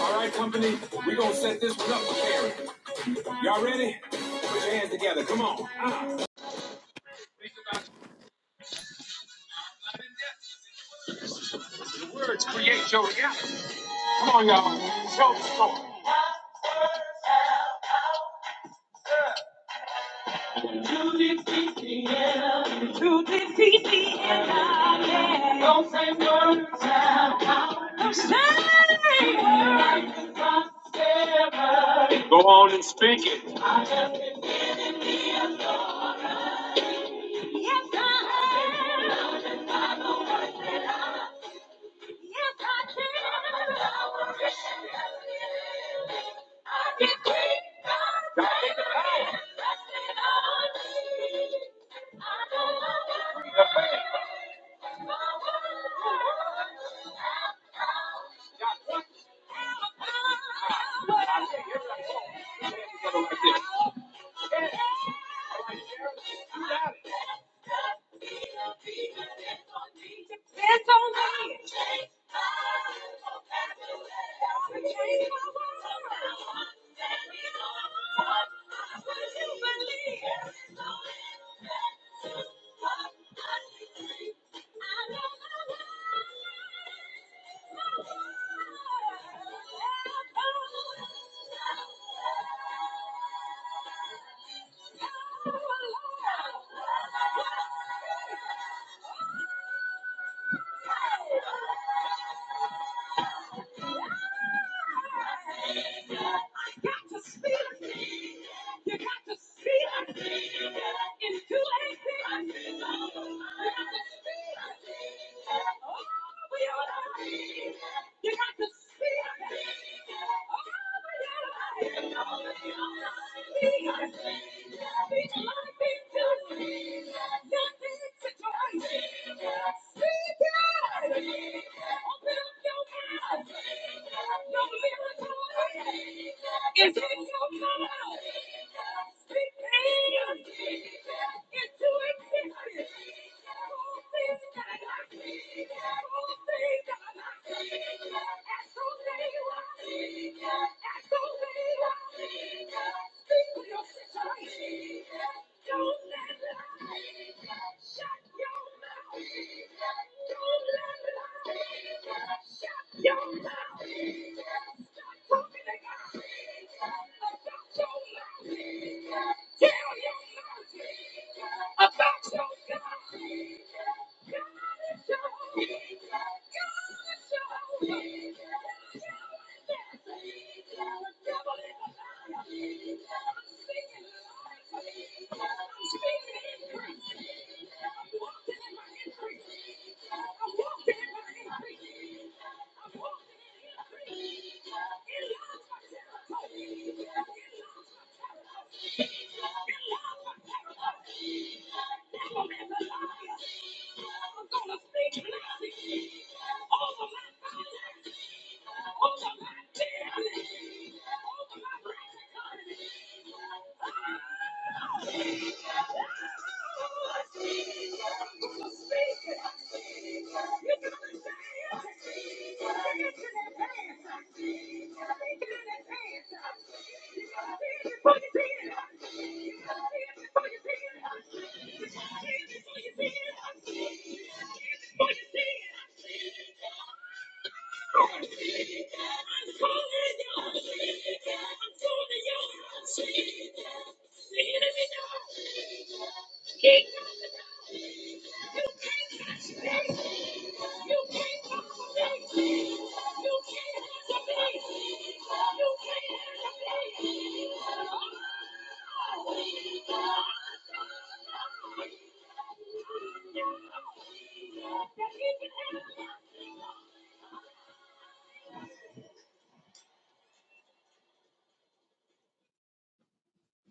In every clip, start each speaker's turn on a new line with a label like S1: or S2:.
S1: All right, company, we gonna set this one up for Karen. Y'all ready? Put your hands together. Come on. Go on and speak it.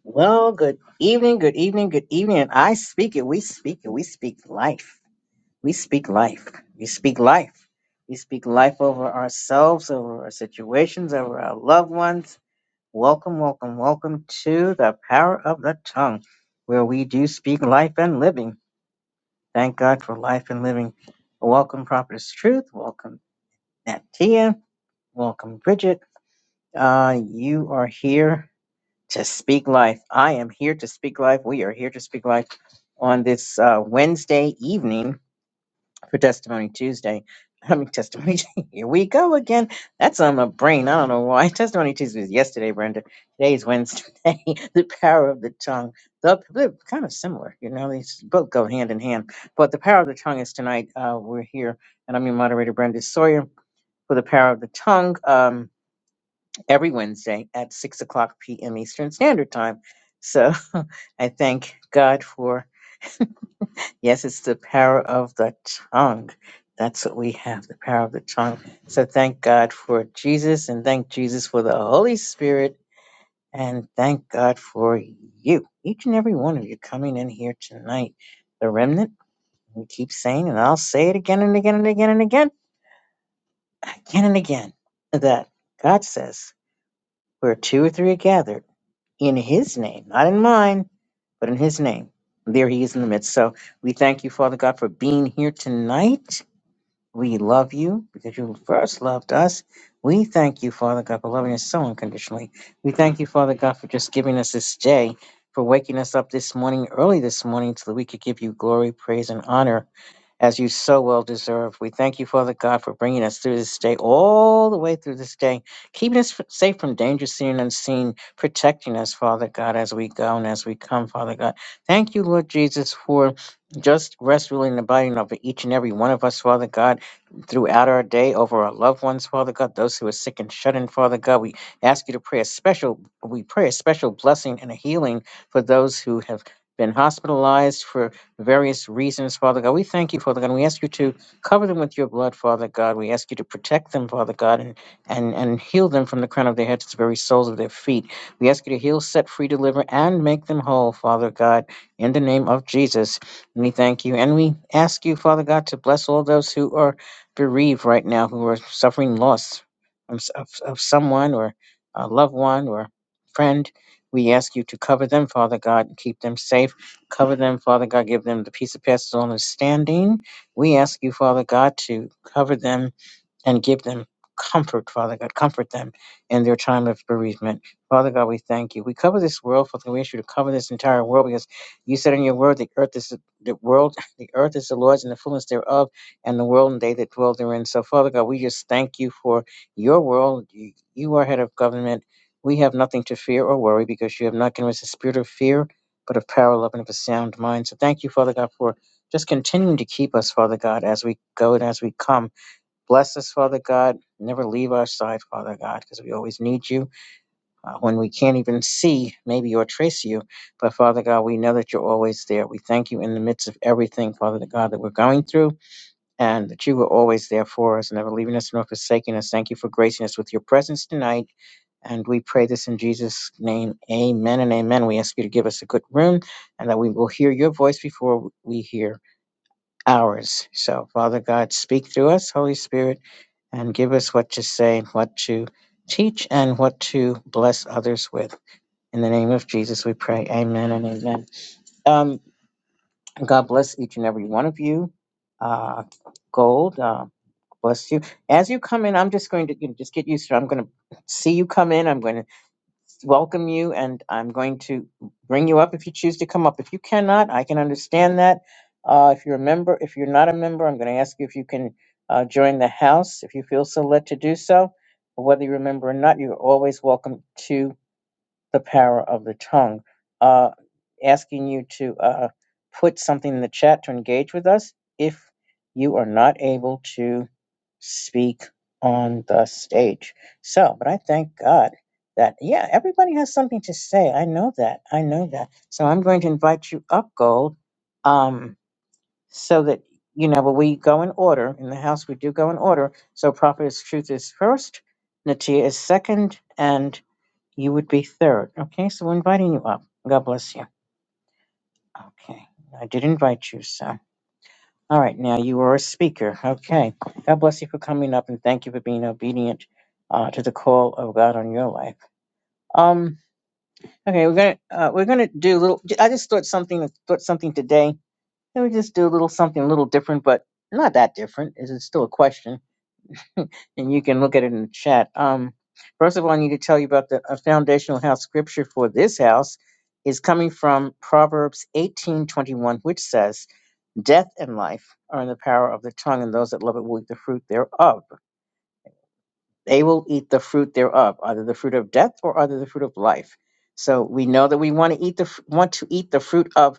S1: Well, good evening, good evening, good evening. And I speak it. We speak it. We speak life. We speak life. We speak life. We speak life over ourselves, over our situations, over our loved ones. Welcome, welcome, welcome to the power of the tongue, where we do speak life and living. Thank God for life and living. Welcome, Prophetess Truth. Welcome. Now, Tia, welcome, Bridget. Uh, you are here to speak life. I am here to speak life. We are here to speak life on this uh, Wednesday evening for Testimony Tuesday. I mean, Testimony. Here we go again. That's on my brain. I don't know why. Testimony Tuesday was yesterday, Brenda. Today is Wednesday. the power of the tongue. The, they're kind of similar, you know. They both go hand in hand. But the power of the tongue is tonight. Uh, we're here, and I'm your moderator, Brenda Sawyer, for the power of the tongue. Um, every Wednesday at 6 o'clock p.m. Eastern Standard Time. So I thank God for, yes, it's the power of the tongue. That's what we have, the power of the tongue. So thank God for Jesus and thank Jesus for the Holy Spirit and thank God for you, each and every one of you coming in here tonight. The remnant, we keep saying, and I'll say it again and again and again and again, again and again, that God says, where two or three are gathered. in his name, not in mine, but in his name. There he is in the midst. So we thank you, Father God, for being here tonight. We love you because you first loved us. We thank you, Father God, for loving us so unconditionally. We thank you, Father God, for just giving us this day, for waking us up this morning, early this morning, so that we could give you glory, praise, and honor as you so well deserve. We thank you, Father God, for bringing us through this day, all the way through this day, keeping us f- safe from danger, seen and unseen, protecting us, Father God, as we go and as we come, Father God. Thank you, Lord Jesus, for just rest, ruling, and abiding over each and every one of us, Father God, throughout our day, over our loved ones, Father God, those who are sick and shut in, Father God. We ask you to pray a special, we pray a special blessing and a healing for those who have been hospitalized, for various reasons, Father God. We thank you, Father God. We ask you to cover them with your blood, Father God. We ask you to protect them, Father God, and, and, and heal them from the crown of their head to the very soles of their feet. We ask you to heal, set free, deliver, and make them whole, Father God, in the name of Jesus. And we thank you. And we ask you, Father God, to bless all those who are bereaved right now, who are suffering loss from of, of someone or a loved one or friend. We ask you to cover them, Father God, and keep them safe. Cover them, Father God. Give them the peace that passes all understanding. We ask you, Father God, to cover them and give them comfort, Father God. Comfort them in their time of bereavement. Father God, we thank you. We cover this world, Father. God. We ask you to cover this entire world because you said in your word, the earth is the world, the earth is the Lord's and the fullness thereof, and the world and they that dwell therein. So, Father God, we just thank you for your world. You you are head of government. We have nothing to fear or worry because you have not given us a spirit of fear, but of power, love, and of a sound mind. So thank you, Father God, for just continuing to keep us, Father God, as we go and as we come. Bless us, Father God. Never leave our side, Father God, because we always need you uh, when we can't even see, maybe, or trace you. But, Father God, we know that you're always there. We thank you in the midst of everything, Father God, that we're going through, and that you were always there for us, never leaving us nor forsaking us. Thank you for gracing us with your presence tonight. And we pray this in Jesus' name. Amen and amen. We ask you to give us a good room and that we will hear your voice before we hear ours. So, Father God, speak through us, Holy Spirit, and give us what to say, what to teach, and what to bless others with. In the name of Jesus, we pray. Amen and amen. Um, God bless each and every one of you. Uh, Gold, uh, bless you. As you come in, I'm just going to you know, just get used to. It. I'm going to see you come in. I'm going to welcome you and I'm going to bring you up if you choose to come up. If you cannot, I can understand that. Uh, if you're a member, if you're not a member, I'm going to ask you if you can uh, join the house if you feel so led to do so. Whether you are a member or not, you're always welcome to the power of the tongue. Uh, asking you to uh, put something in the chat to engage with us if you are not able to speak on the stage. So, but I thank God that, yeah, everybody has something to say. I know that. I know that. So I'm going to invite you up, Gold, um, so that, you know, but we go in order. In the house, we do go in order. So, Prophetess Truth is first, Natia is second, and you would be third. Okay, so we're inviting you up. God bless you. Okay, I did invite you, so. All right, now you are a speaker. Okay, God bless you for coming up and thank you for being obedient uh, to the call of God on your life. Um, okay, we're gonna uh, we're gonna do a little. I just thought something thought something today. Let me just do a little something a little different, but not that different. Is it's still a question and you can look at it in the chat. Um, first of all, I need to tell you about the a foundational house scripture for this house is coming from Proverbs 18:21, which says, "Death and life are in the power of the tongue, and those that love it will eat the fruit thereof." They will eat the fruit thereof, either the fruit of death or either the fruit of life. So we know that we want to eat the f- want to eat the fruit of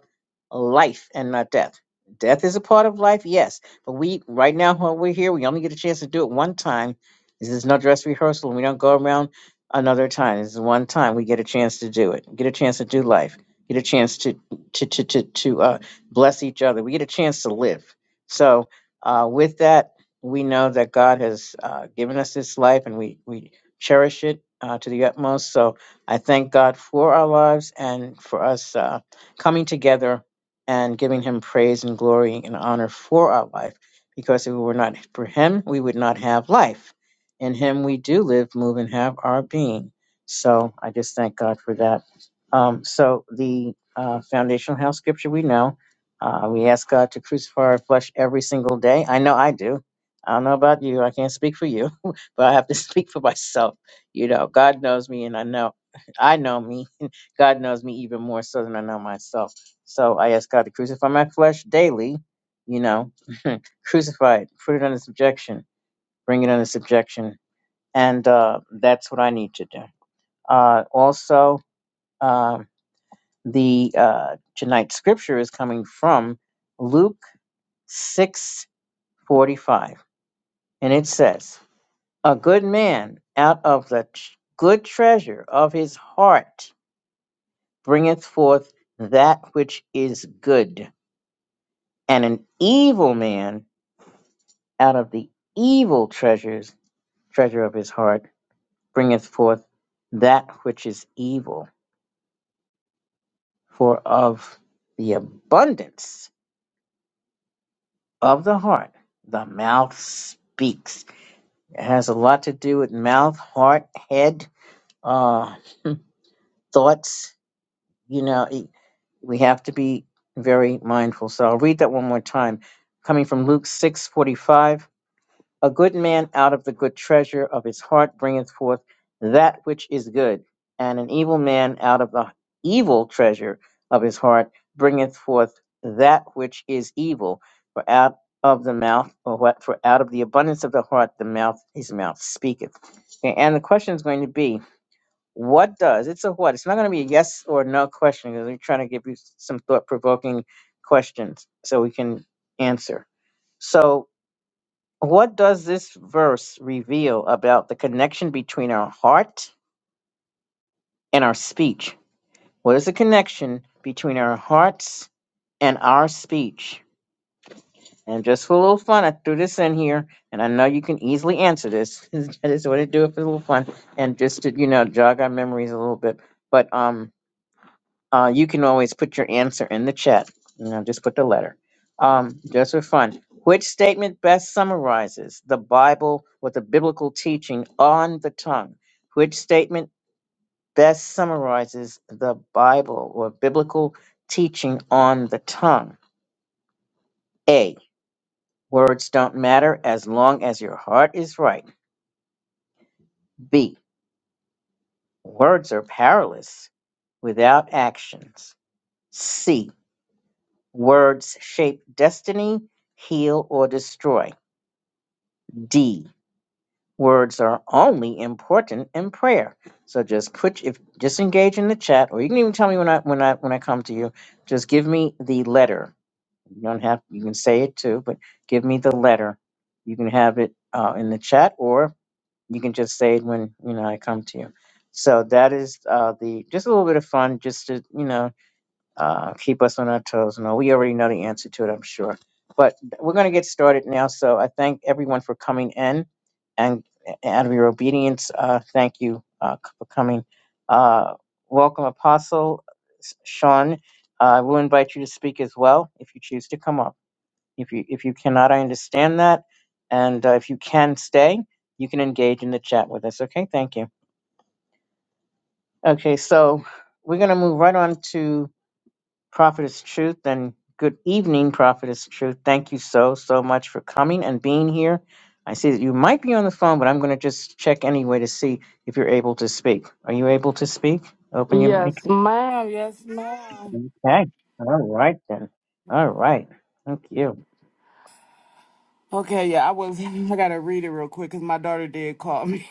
S1: life and not death. Death is a part of life, yes, but we right now while we're here, we only get a chance to do it one time. This is no dress rehearsal, and we don't go around another time. This is one time we get a chance to do it. Get a chance to do life. Get a chance to to to to, to uh, bless each other. We get a chance to live. So uh, with that we know that God has uh, given us this life and we, we cherish it uh, to the utmost. So I thank God for our lives and for us uh, coming together and giving Him praise and glory and honor for our life. Because if it were not for Him, we would not have life. In Him, we do live, move, and have our being. So I just thank God for that. Um, so the uh, foundational house scripture we know. Uh, we ask God to crucify our flesh every single day. I know I do I don't know about you. I can't speak for you, but I have to speak for myself. You know, God knows me, and I know I know me. God knows me even more so than I know myself. So I ask God to crucify my flesh daily. You know, crucify it, put it under subjection, bring it under subjection, and uh, that's what I need to do. Uh, also, uh, the uh, tonight's scripture is coming from Luke six forty five, and it says. A good man out of the tr- good treasure of his heart bringeth forth that which is good, and an evil man out of the evil treasures treasure of his heart bringeth forth that which is evil. For of the abundance of the heart the mouth speaks. It has a lot to do with mouth, heart, head, uh, thoughts you know, it, we have to be very mindful. So I'll read that one more time. Coming from Luke 6:45, a good man out of the good treasure of his heart bringeth forth that which is good, and an evil man out of the evil treasure of his heart bringeth forth that which is evil. For out of the mouth, or what? For out of the abundance of the heart, the mouth his mouth speaketh. Okay, and the question is going to be. What does? It's a what. It's not going to be a yes or no question because we're trying to give you some thought provoking questions so we can answer. So, what does this verse reveal about the connection between our heart and our speech? What is the connection between our hearts and our speech? And just for a little fun, I threw this in here, and I know you can easily answer this. I just want to do it for a little fun and just to, you know, jog our memories a little bit. But um, Uh, you can always put your answer in the chat. You know, just put the letter. Um, just for fun. Which statement best summarizes the Bible with the biblical teaching on the tongue? Which statement best summarizes the Bible or biblical teaching on the tongue? A. Words don't matter as long as your heart is right. B. Words are powerless without actions. C. Words shape destiny, heal, or destroy. D. Words are only important in prayer. So just put if just engage in the chat, or you can even tell me when I when I when I come to you. Just give me the letter. You don't have you can say it too, but give me the letter. You can have it uh, in the chat, or you can just say it when you know I come to you. So that is uh, the just a little bit of fun, just to you know uh, keep us on our toes. No, we already know the answer to it, I'm sure. But we're going to get started now. So I thank everyone for coming in, and out of your obedience, uh, thank you uh, for coming. Uh, welcome, Apostle Sean. Uh, I will invite you to speak as well if you choose to come up. If you if you cannot, I understand that, and uh, if you can stay, you can engage in the chat with us. Okay, thank you. Okay, so we're going to move right on to. Prophetess Truth, and good evening, Prophetess Truth. Thank you so, so much for coming and being here. I see that you might be on the phone, but I'm going to just check anyway to see if you're able to speak. Are you able to speak? Open your mic.
S2: Yes, ma'am. Yes, ma'am.
S1: Okay. All right, then. All right. Thank you.
S2: Okay, yeah, I was. I gotta read it real quick because my daughter did call me.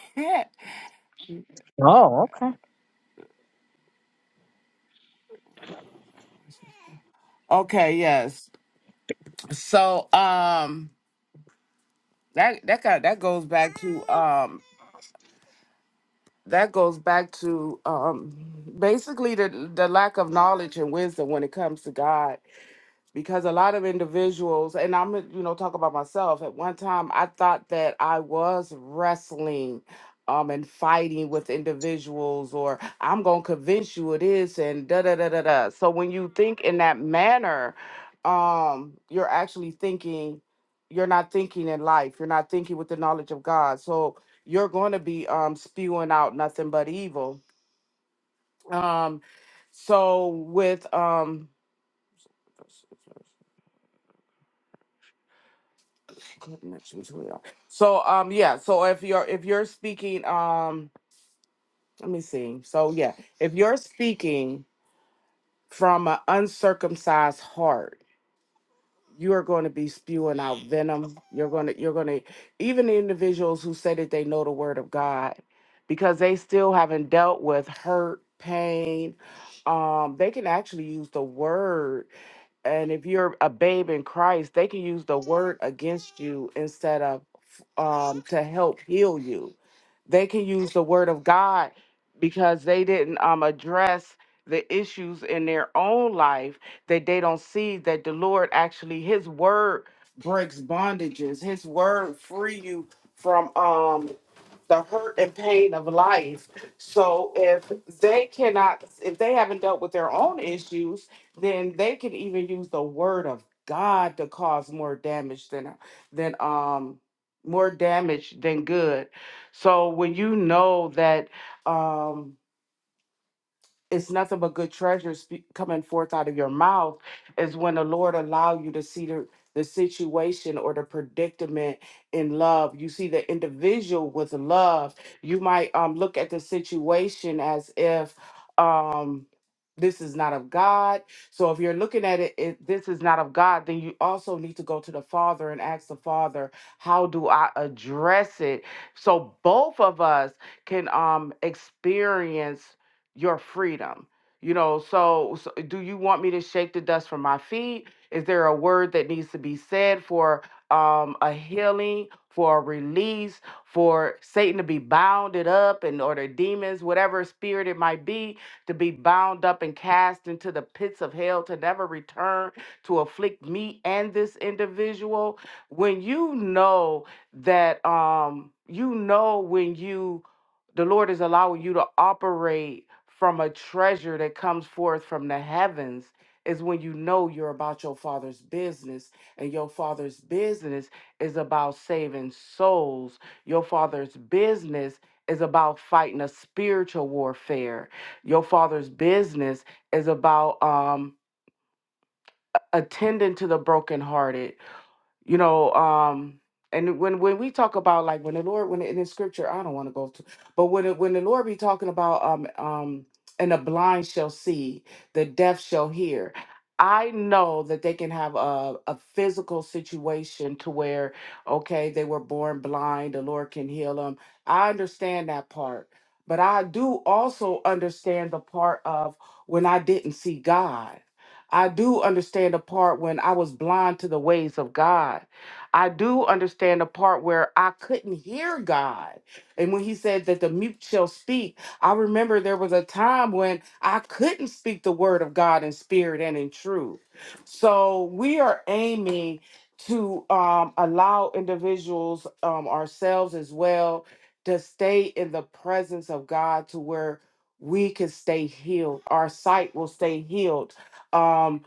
S1: Oh, okay.
S2: okay, yes. So, um, that that got that goes back to um that goes back to um basically the the lack of knowledge and wisdom when it comes to God because a lot of individuals and i'm gonna, you know talk about myself at one time i thought that i was wrestling um and fighting with individuals or i'm gonna convince you it is and da da da da da so when you think in that manner um you're actually thinking you're not thinking in life you're not thinking with the knowledge of god so you're going to be um spewing out nothing but evil um so with um connections we are. So um yeah, so if you're if you're speaking um let me see. So yeah, if you're speaking from an uncircumcised heart, you are going to be spewing out venom. You're going to you're going to even the individuals who say that they know the word of God because they still haven't dealt with hurt, pain, um they can actually use the word and if you're a babe in Christ, they can use the word against you instead of um, to help heal you. They can use the word of God because they didn't um, address the issues in their own life that they don't see that the Lord actually His word breaks bondages. His word free you from um the hurt and pain of life. So if they cannot, if they haven't dealt with their own issues, then they can even use the word of God to cause more damage than than um more damage than good. So when you know that um it's nothing but good treasures be- coming forth out of your mouth is when the lord allow you to see the, the situation or the predicament in love you see the individual with love you might um, look at the situation as if um, this is not of god so if you're looking at it if this is not of god then you also need to go to the father and ask the father how do i address it so both of us can um experience your freedom. You know, so, so do you want me to shake the dust from my feet? Is there a word that needs to be said for um, a healing, for a release, for Satan to be bounded up and or the demons, whatever spirit it might be, to be bound up and cast into the pits of hell to never return to afflict me and this individual? When you know that um you know when you the Lord is allowing you to operate from a treasure that comes forth from the heavens is when you know you're about your father's business and your father's business is about saving souls. Your father's business is about fighting a spiritual warfare. Your father's business is about um attending to the brokenhearted you know um and when when we talk about like when the lord when in the scripture i don't want to go to but when it, when the lord be talking about um um and the blind shall see the deaf shall hear i know that they can have a, a physical situation to where okay they were born blind the lord can heal them i understand that part but i do also understand the part of when i didn't see god I do understand the part when I was blind to the ways of God. I do understand the part where I couldn't hear God. And when he said that the mute shall speak, I remember there was a time when I couldn't speak the word of God in spirit and in truth. So we are aiming to um, allow individuals, um, ourselves as well, to stay in the presence of God to where we can stay healed. Our sight will stay healed um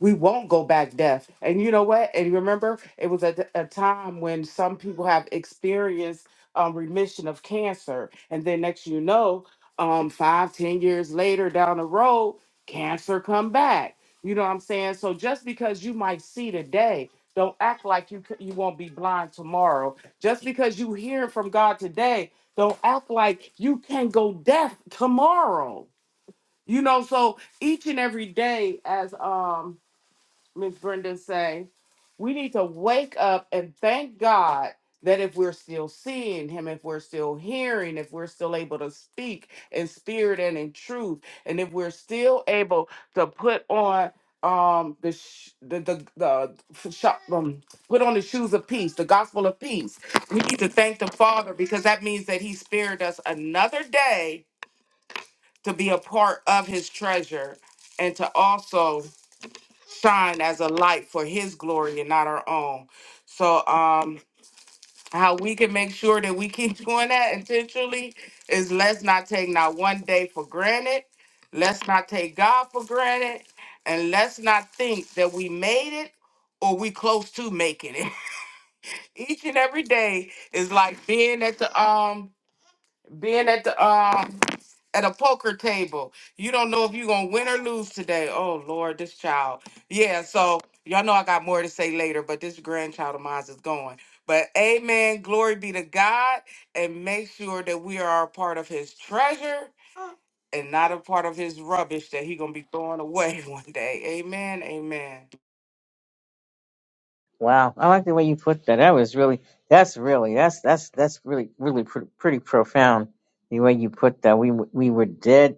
S2: we won't go back deaf and you know what and remember it was at a time when some people have experienced um, remission of cancer and then next you know um five ten years later down the road cancer come back you know what i'm saying so just because you might see today don't act like you c- you won't be blind tomorrow just because you hear from god today don't act like you can go deaf tomorrow you know, so each and every day, as um Miss Brenda say, we need to wake up and thank God that if we're still seeing him, if we're still hearing, if we're still able to speak in spirit and in truth, and if we're still able to put on um the sh- the the, the f- shop um put on the shoes of peace the gospel of peace we need to thank the father because that means that he spared us another day to be a part of his treasure and to also shine as a light for his glory and not our own. So um how we can make sure that we keep doing that intentionally is let's not take not one day for granted. Let's not take God for granted and let's not think that we made it or we close to making it. Each and every day is like being at the um being at the um at a poker table. You don't know if you're gonna win or lose today. Oh Lord, this child. Yeah, so y'all know I got more to say later, but this grandchild of mine is going. But amen, glory be to God, and make sure that we are a part of his treasure and not a part of his rubbish that he gonna be throwing away one day. Amen, amen.
S1: Wow. I like the way you put that. That was really, that's really, that's, that's, that's really, really pr- pretty profound. The way you put that, we, w- we were dead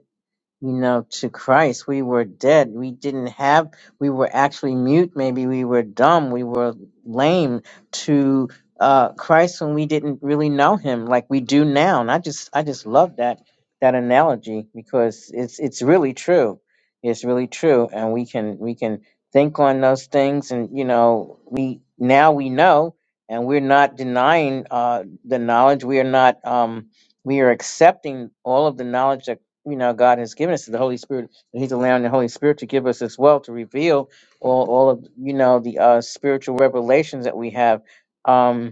S1: you know, to Christ. We were dead. We didn't have, we were actually mute. Maybe we were dumb. We were lame to uh, Christ when we didn't really know him like we do now. And I just, I just love that, that analogy because it's, it's really true. It's really true. And we can, we can think on those things. And, you know, we, now we know and we're not denying uh, the knowledge. We are not, um, we are accepting all of the knowledge that you know God has given us the Holy Spirit, and He's allowing the Holy Spirit to give us as well to reveal all all of you know the uh, spiritual revelations that we have. Um,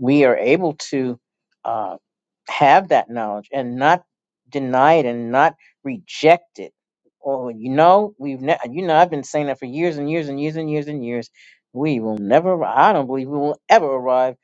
S1: we are able to uh, have that knowledge and not deny it and not reject it. Oh, you know, we've ne- you know I've been saying that for years and years and years and years and years. We will never. arri- I don't believe we will ever arrive,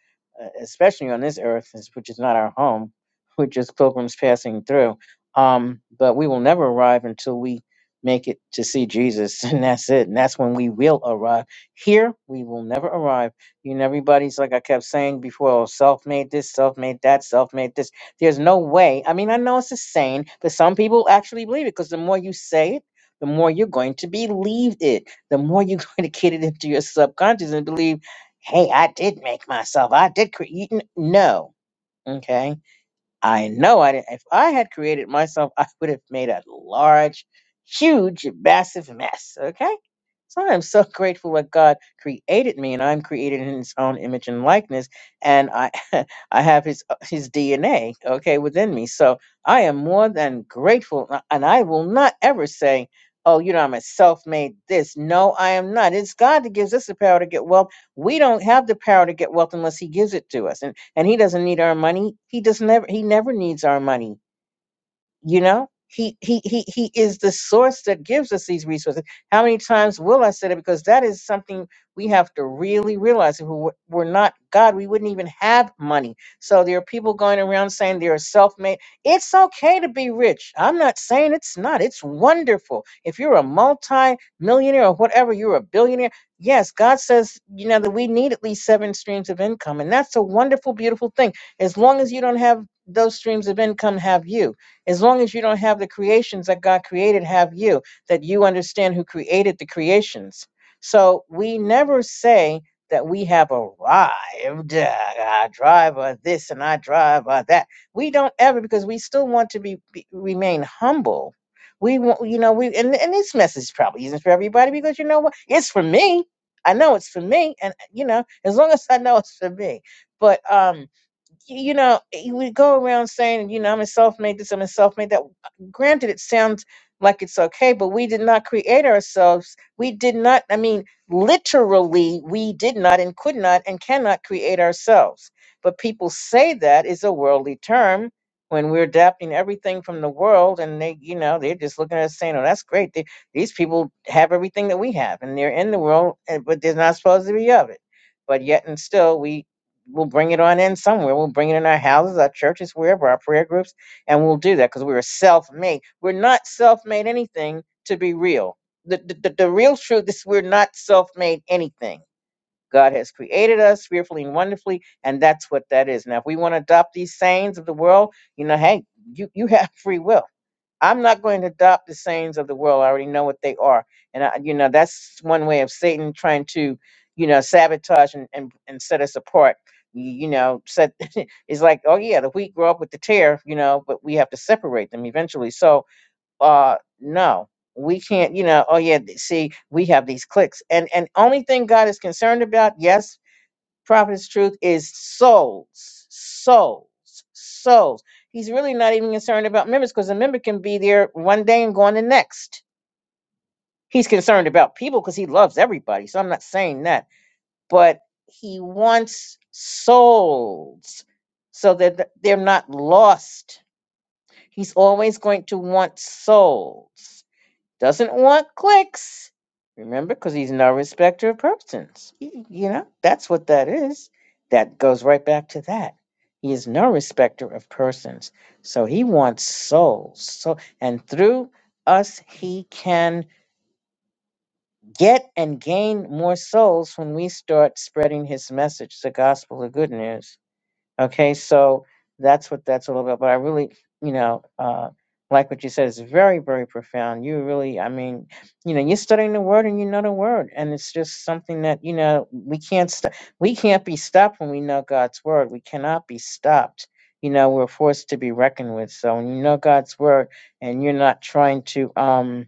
S1: uh, especially on this earth, is- which is not our home. We're just pilgrims passing through. Um, but we will never arrive until we make it to see Jesus, and that's it. And that's when we will arrive. Here, we will never arrive you know, everybody's like I kept saying before, oh, self made this, self made that, self made this. There's no way. I mean, I know it's a saying, but some people actually believe it because the more you say it, the more you're going to believe it. The more you're going to get it into your subconscious and believe, hey, I did make myself. I did create. No. Okay. I know I didn't. If I had created myself, I would have made a large, huge, massive mess. Okay. So I'm so grateful that God created me, and I'm created in His own image and likeness, and I, I have His His DNA, okay, within me. So I am more than grateful, a- and I will not ever say, "Oh, you know, I'm a self-made this." No, I am not. It's God that gives us the power to get wealth. We don't have the power to get wealth unless He gives it to us and he doesn't need our money. He just never he never needs our money you know he he he he is the source that gives us these resources how many times will i say that because that is something we have to really realize if we were were not god we wouldn't even have money so there are people going around saying they're self-made it's okay to be rich i'm not saying it's not it's wonderful if you're a multi-millionaire or whatever you're a billionaire yes god says you know that we need at least seven streams of income and that's a wonderful beautiful thing as long as you don't have those streams of income have you as long as you don't have the creations that God created have you, that you understand who created the creations. So we never say that we have arrived. uh, I drive uh, this and I drive uh, that. We don't ever because we still want to be, be remain humble. We want, you know, we and, and this message probably isn't for everybody because you know what? It's for me. I know it's for me, and you know, as long as I know it's for me. But um, you know, you would go around saying, you know, I'm a self-made this, I'm a self-made that. Granted, it sounds like it's okay, but we did not create ourselves. We did not, I mean, literally, we did not and could not and cannot create ourselves. But people say that is a worldly term when we're adapting everything from the world and they, you know, they're just looking at us saying, oh, that's great. They, these people have everything that we have and they're in the world, and- but they're not supposed to be of it. But yet and still, we we'll bring it on in somewhere. We'll bring it in our houses, our churches, wherever, our prayer groups, and we'll do that because we're self-made. We're not self-made anything to be real. The, the, the, the real truth is we're not self-made anything. God has created us fearfully and wonderfully, and that's what that is. Now, if we want to adopt these sayings of the world, you know, hey, you, you have free will I'm not going to adopt the sayings of the world. I already know what they are. And, I, you know, that's one way of Satan trying to, you know, sabotage and, and, and set us apart. Y- You know, set it's like, oh, yeah, the wheat grow up with the tear, you know, but we have to separate them eventually. So, uh, no, we can't, you know, oh, yeah, th- see, we have these clicks. And, and only thing God is concerned about, yes, prophet's truth is souls, souls, souls. He's really not even concerned about members because a member can be there one day and gone the next. He's concerned about people because he loves everybody. So I'm not saying that, but he wants souls so that th- they're not lost. He's always going to want souls. Doesn't want clicks. Remember, because he's no respecter of persons. Y- You know, that's what that is. That goes right back to that. He is no respecter of persons. So he wants souls. So and through us he can get and gain more souls when we start spreading his message, the gospel of good news. Okay, so that's what that's all about. But I really, you know, uh, like what you said, it's very, very profound. You really, I mean, you know, you're studying the word and you know the word, and it's just something that you know we can't st- we can't be stopped when we know God's word. We cannot be stopped. You know, we're forced to be reckoned with. So when you know God's word and you're not trying to, um,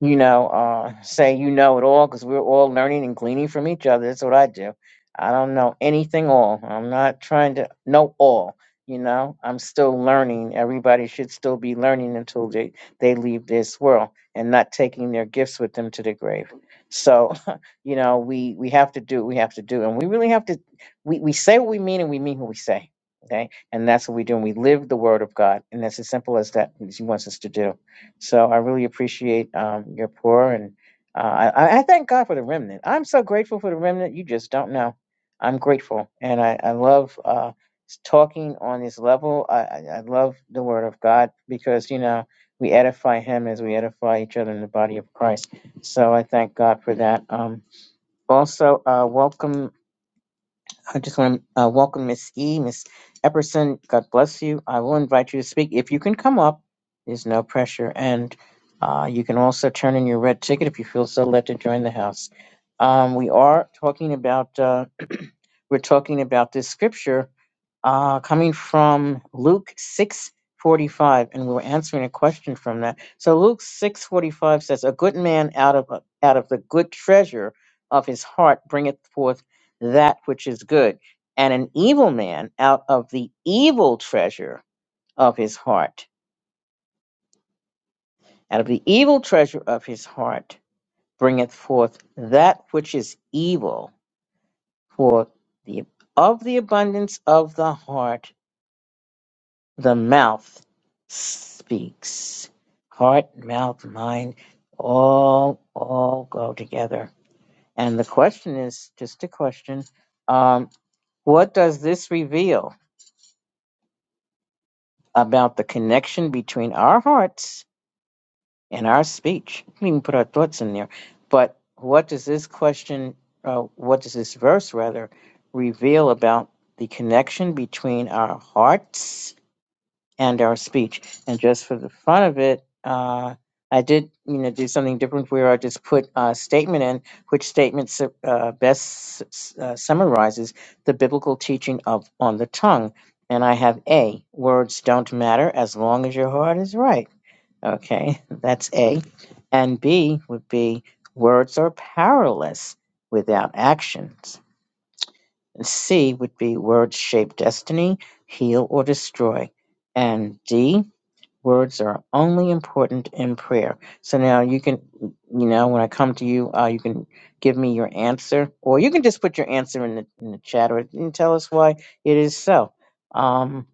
S1: you know, uh, say you know it all because we're all learning and gleaning from each other. That's what I do. I don't know anything all. I'm not trying to know all. You know, I'm still learning. Everybody should still be learning until they, they leave this world and not taking their gifts with them to the grave. So, you know, we, we have to do what we have to do. And we really have to, we, we say what we mean and we mean what we say. Okay. And that's what we do. And we live the word of God. And that's as simple as that, as he wants us to do. So I really appreciate um, your pour, and uh, I, I thank God for the remnant. I'm so grateful for the remnant. You just don't know. I'm grateful, and I, I love uh, s- talking on this level. I, I, I love the Word of God because you know we edify Him as we edify each other in the body of Christ. So I thank God for that. Um, also, uh, welcome. I just want to uh, welcome Miss E, Miss Epperson. God bless you. I will invite you to speak. If you can come up, there's no pressure. And uh, you can also turn in your red ticket if you feel so led to join the house. Um, we are talking about. uh, we're talking about this scripture uh, coming from Luke six forty five, and we were answering a question from that. So Luke six forty five says, "A good man out of out of the good treasure of his heart bringeth forth that which is good, and an evil man out of the evil treasure of his heart, out of the evil treasure of his heart bringeth forth that which is evil, for the of the abundance of the heart." The mouth speaks. Heart, mouth, mind, all all go together. And the question is just a question. Um, what does this reveal about the connection between our hearts and our speech? We can even put our thoughts in there. But what does this question, uh, what does this verse rather, reveal about the connection between our hearts? and our speech. And just for the fun of it, uh, I did, you know, do something different where I just put a statement in which statement su- uh, best s- uh, summarizes the biblical teaching of on the tongue. And I have A, words don't matter as long as your heart is right. Okay, that's A. And B would be words are powerless without actions. And C would be words shape destiny, heal or destroy. And D words are only important in prayer. So now you can, you know, when I come to you, uh, you can give me your answer, or you can just put your answer in the in the chat, or and tell us why it is so. Um,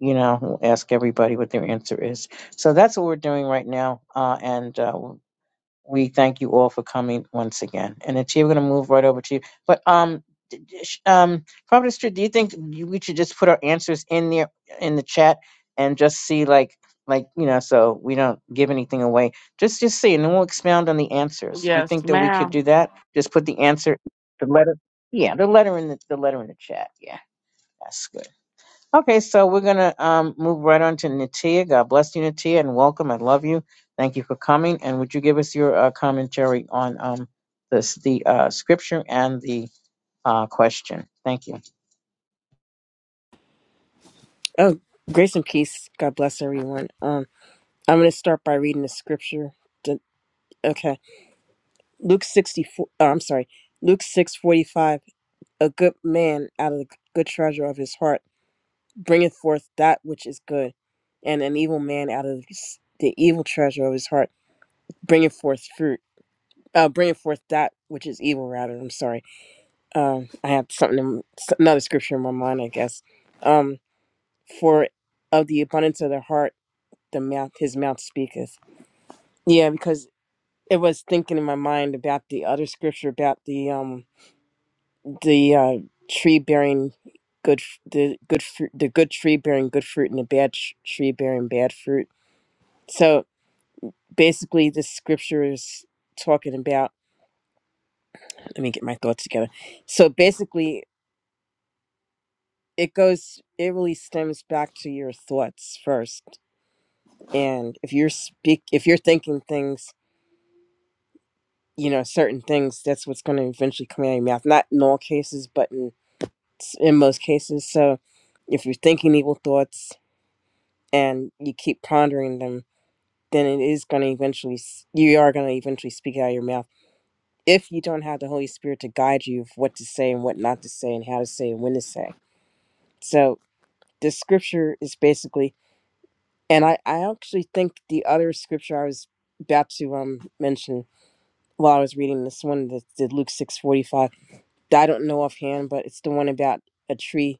S1: you know, we'll ask everybody what their answer is. So that's what we're doing right now, uh, and uh, we thank you all for coming once again. And the chief, we're going to move right over to you. But um, d- d- sh- um, Providence Street, do you think you- we should just put our answers in there in the chat and just see like like you know so we don't give anything away? Just just see, and then we'll expound on the answers. You
S2: Yes,
S1: think that we could do
S2: ma'am.
S1: that? Just put the answer, the letter. Yeah, the letter in the the letter in the chat. Yeah, that's good. Okay, so we're gonna um, move right on to Natia. God bless you, Natia, and welcome. I love you. Thank you for coming. And would you give us your uh, commentary on um, this, the uh, scripture and the uh, question? Thank you.
S3: Oh, grace and peace. God bless everyone. Um, I'm going to start by reading the scripture. D- Okay, Luke 64. Oh, I'm sorry, Luke 6:45. A good man out of the good treasure of his heart bringeth forth that which is good, and an evil man out of s- the evil treasure of his heart bringeth forth fruit. Uh, bringeth forth that which is evil. Rather, I'm sorry. Um, I have something, in, s- another scripture in my mind, I guess. Um, for of the abundance of the heart, the mouth, his mouth speaketh Yeah, because it was thinking in my mind about the other scripture about the um the uh, tree bearing good f- the good fruit the good tree bearing good fruit and the bad tr- tree bearing bad fruit. So basically, this scripture is talking about. Let me get my thoughts together. So basically, it goes. It really stems back to your thoughts first, and if you're speak if you're thinking things you know certain things that's what's going to eventually come out of your mouth not in all cases but in in most cases. So if you're thinking evil thoughts and you keep pondering them, then it is going to eventually, s- you are going to eventually speak out of your mouth if you don't have the Holy Spirit to guide you of what to say and what not to say and how to say and when to say. So this scripture is basically, and I, I actually think the other scripture I was about to um mention while I was reading this one, the, the Luke 6.45, that I don't know offhand, but it's the one about a tree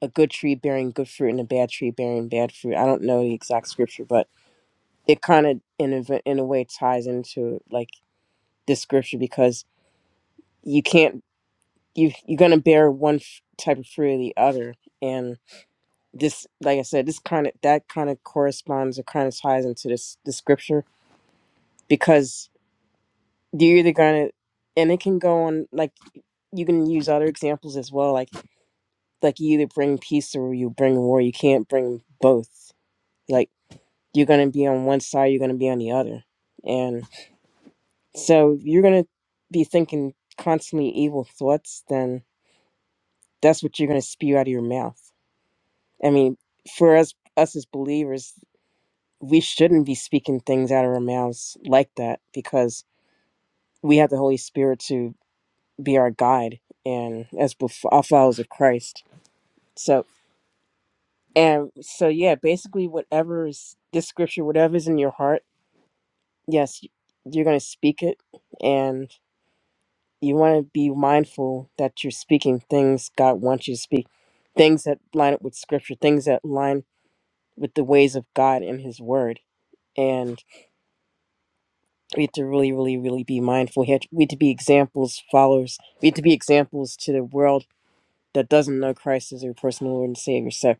S3: a good tree bearing good fruit and a bad tree bearing bad fruit. I don't know the exact scripture, but it kind of in a, v- in a way ties into like this scripture because you can't you you're gonna bear one f- type of fruit or the other, and this like I said, this kind of that kind of corresponds or kind of ties into this the scripture because you're either gonna and it can go on like you can use other examples as well like like you either bring peace or you bring war you can't bring both Like. you're going to be on one side, you're going to be on the other. And so if you're going to be thinking constantly evil thoughts, then that's what you're going to spew out of your mouth. I mean, for us, us as believers, we shouldn't be speaking things out of our mouths like that because we have the Holy Spirit to be our guide and as bef- our followers of Christ. So, and so, yeah, basically, whatever is this scripture, whatever is in your heart, yes, you're going to speak it. And you want to be mindful that you're speaking things God wants you to speak, things that line up with scripture, things that line with the ways of God and His Word. And we have to really, really, really be mindful. We have to, we have to be examples, followers. We have to be examples to the world that doesn't know Christ as their personal Lord and Savior. So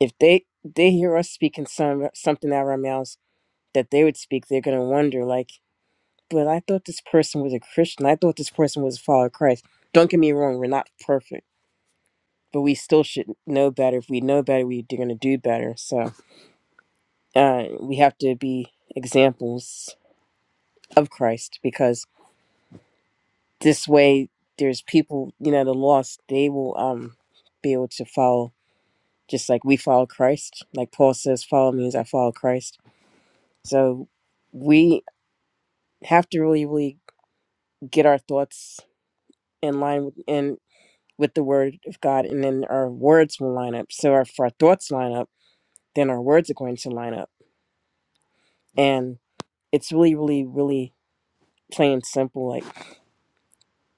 S3: if they they hear us speaking some something out of our mouths that they would speak, they're gonna wonder like, but I thought this person was a Christian. I thought this person was a follower of Christ. Don't get me wrong, we're not perfect but we still should know better. If we know better, we're going to do better. So uh, we have to be examples of Christ because this way, there's people, you know, the lost, they will um, be able to follow just like we follow Christ. Like Paul says, follow me as I follow Christ. So we have to really, really get our thoughts in line with, and with the word of God, and then our words will line up. So if our thoughts line up, then our words are going to line up. and. it's really, really, really plain and simple. Like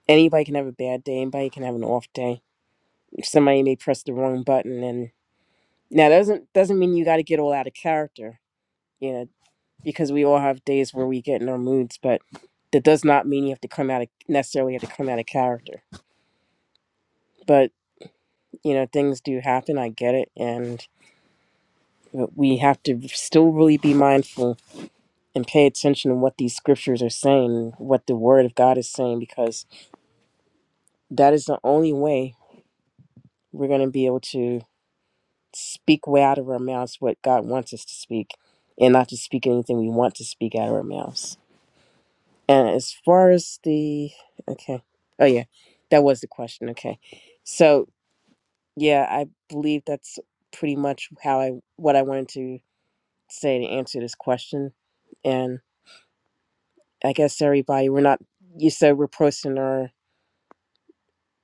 S3: anybody can have a bad day, anybody can have an off day. Somebody may press the wrong button, and now that doesn't doesn't mean you got to get all out of character, you know, because we all have days where we get in our moods, but that does not mean you have to come out of necessarily have to come out of character. But you know, things do happen. I get it, and but we have to still really be mindful and pay attention to what these scriptures are saying, what the Word of God is saying, because that is the only way we're going to be able to speak way out of our mouths what God wants us to speak and not to speak anything we want to speak out of our mouths. And as far as the, okay. Oh, yeah. That was the question. Okay. So, yeah, I believe that's pretty much how I, what I wanted to say to answer this question. And I guess everybody, we're not, you said we're posting our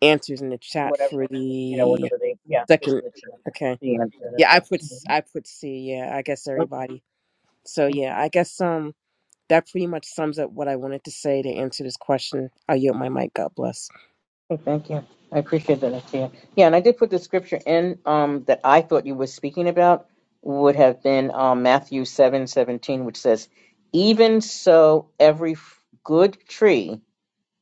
S3: answers in the chat
S1: Whatever
S3: for
S1: you know,
S3: the
S1: whatever they yeah, just
S3: second.
S1: in the chat.
S3: Okay.
S1: The answer.
S3: Yeah,
S1: That's
S3: I
S1: all.
S3: put,
S1: Mhm.
S3: I put C. Yeah, I guess everybody So yeah, I guess um that pretty much sums up what I wanted to say to answer this question. I yield my mic. God bless.
S1: Okay, thank you. I appreciate that, Tia. Yeah, and I did put the scripture in um, that I thought you were speaking about would have been um, Matthew seven seventeen, which says, "Even so, every f- good tree."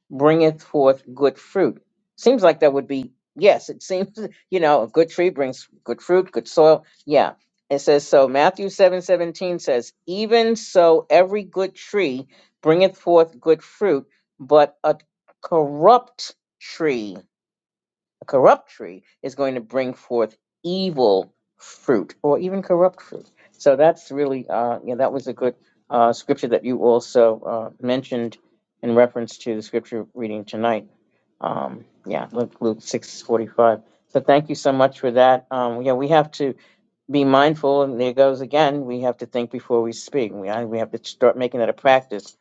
S1: bringeth forth good fruit. Seems like that would be, yes, it seems, you know, a good tree brings good fruit, good soil. Yeah. It says, so Matthew seven seventeen says, even so, every good tree bringeth forth good fruit, but a corrupt tree a corrupt tree is going to bring forth evil fruit or even corrupt fruit. So that's really, uh, yeah, that was a good uh, scripture that you also uh, mentioned in reference to the scripture reading tonight. Um, yeah, Luke, Luke 6:45. So thank you so much for that. Um, yeah, we have to be mindful, and there goes again. We have to think before we speak. We I, we have to start making that a practice.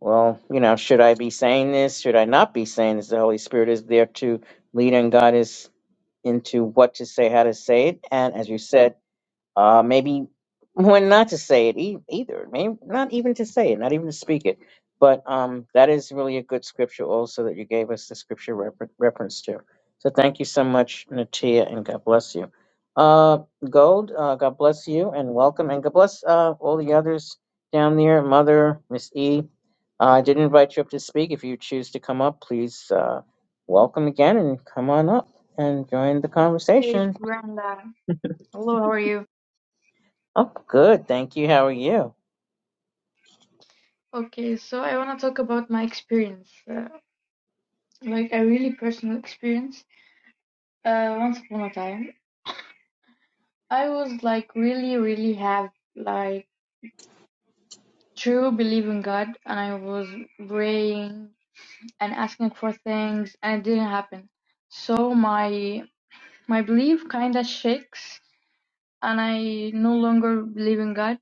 S1: Well, you know, should I be saying this? Should I not be saying this? The Holy Spirit is there to lead and guide us into what to say, how to say it. And as you said, uh, maybe when not to say it e- either. Maybe not even to say it, not even to speak it. But um, that is really a good scripture also that you gave us the scripture refer- reference to. So thank you so much, Natia, and God bless you. Uh, Gold, uh, God bless you and welcome, and God bless uh, all the others down there. Mother, Miss E, uh, I did invite you up to speak. If you choose to come up, please uh, welcome again and come on up and join the
S4: Hey
S1: conversation.
S4: Brenda, hello, how are you?
S1: Oh, good. Thank you. How are you?
S4: Okay, so I want to talk about my experience, uh, like a really personal experience. Uh, once upon a time, I was like really, really have like true belief in God, and I was praying and asking for things, and it didn't happen. So my my belief kind of shakes, and I no longer believe in God.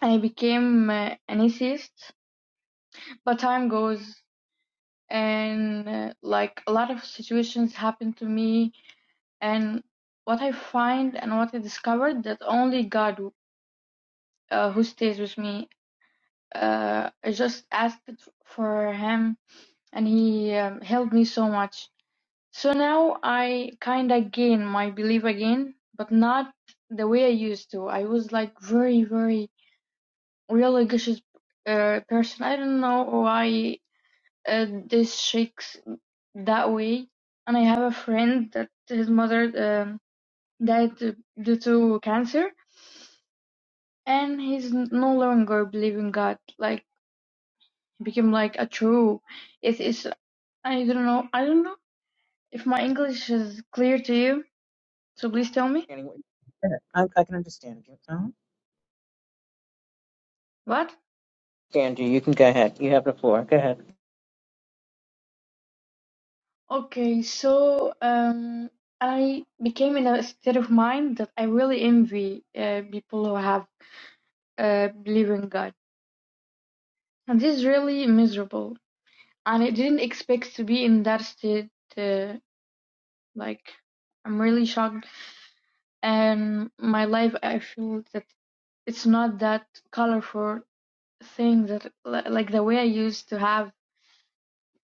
S4: I became uh, an atheist, but time goes and uh, like a lot of situations happened to me and what i find and what i discovered that only god uh, who stays with me uh, i just asked for him and he um, helped me so much so now i kind of gain my belief again but not the way i used to i was like very very religious uh, person i don't know why uh, districts that way. And I have a friend that his mother um, died due to cancer, and he's no longer believing God. Like he became like a true atheist. I don't know. I don't know if my English is clear to you. So please tell me
S1: understanding what you I, I can understand you. Uh-huh.
S4: what.
S1: Andrew, you can go ahead. You have the floor. Go ahead.
S4: Okay, so um, I became in a state of mind that I really envy uh, people who have uh, believe in God, and this is really miserable and I didn't expect to be in that state. Uh, like, I'm really shocked. And my life, I feel that it's not that colorful thing that like the way I used to have.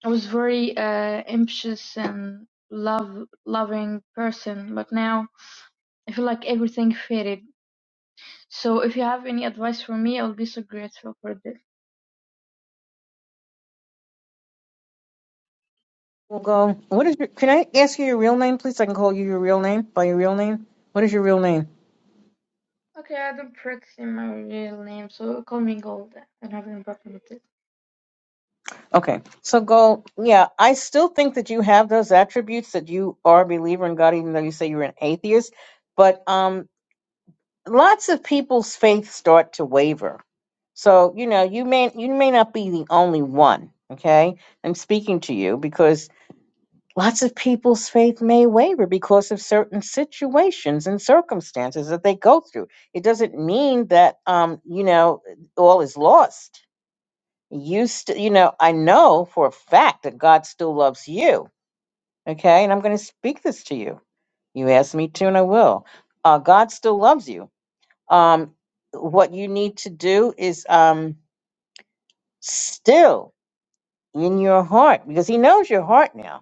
S4: I was very uh, ambitious and love loving person, but now I feel like everything faded. So if you have any advice for me, I'll be so grateful for this.
S1: We'll go. What is your? Can I ask you your real name, please? I can call you your real name by your real name. What is your real name?
S4: Okay, I don't practice my real name, so call me Gold. I don't have any problem with it.
S1: Okay. So go. Yeah, I still think that you have those attributes that you are a believer in God, even though you say you're an atheist. But um, lots of people's faith start to waver. So you know, you may you may not be the only one. Okay, I'm speaking to you because. Lots of people's faith may waver because of certain situations and circumstances that they go through. It doesn't mean that um, you know all is lost. You st- you know I know for a fact that God still loves you. Okay, and I'm going to speak this to you. You asked me to, and I will. Uh, God still loves you. Um, what you need to do is um, still in your heart because He knows your heart now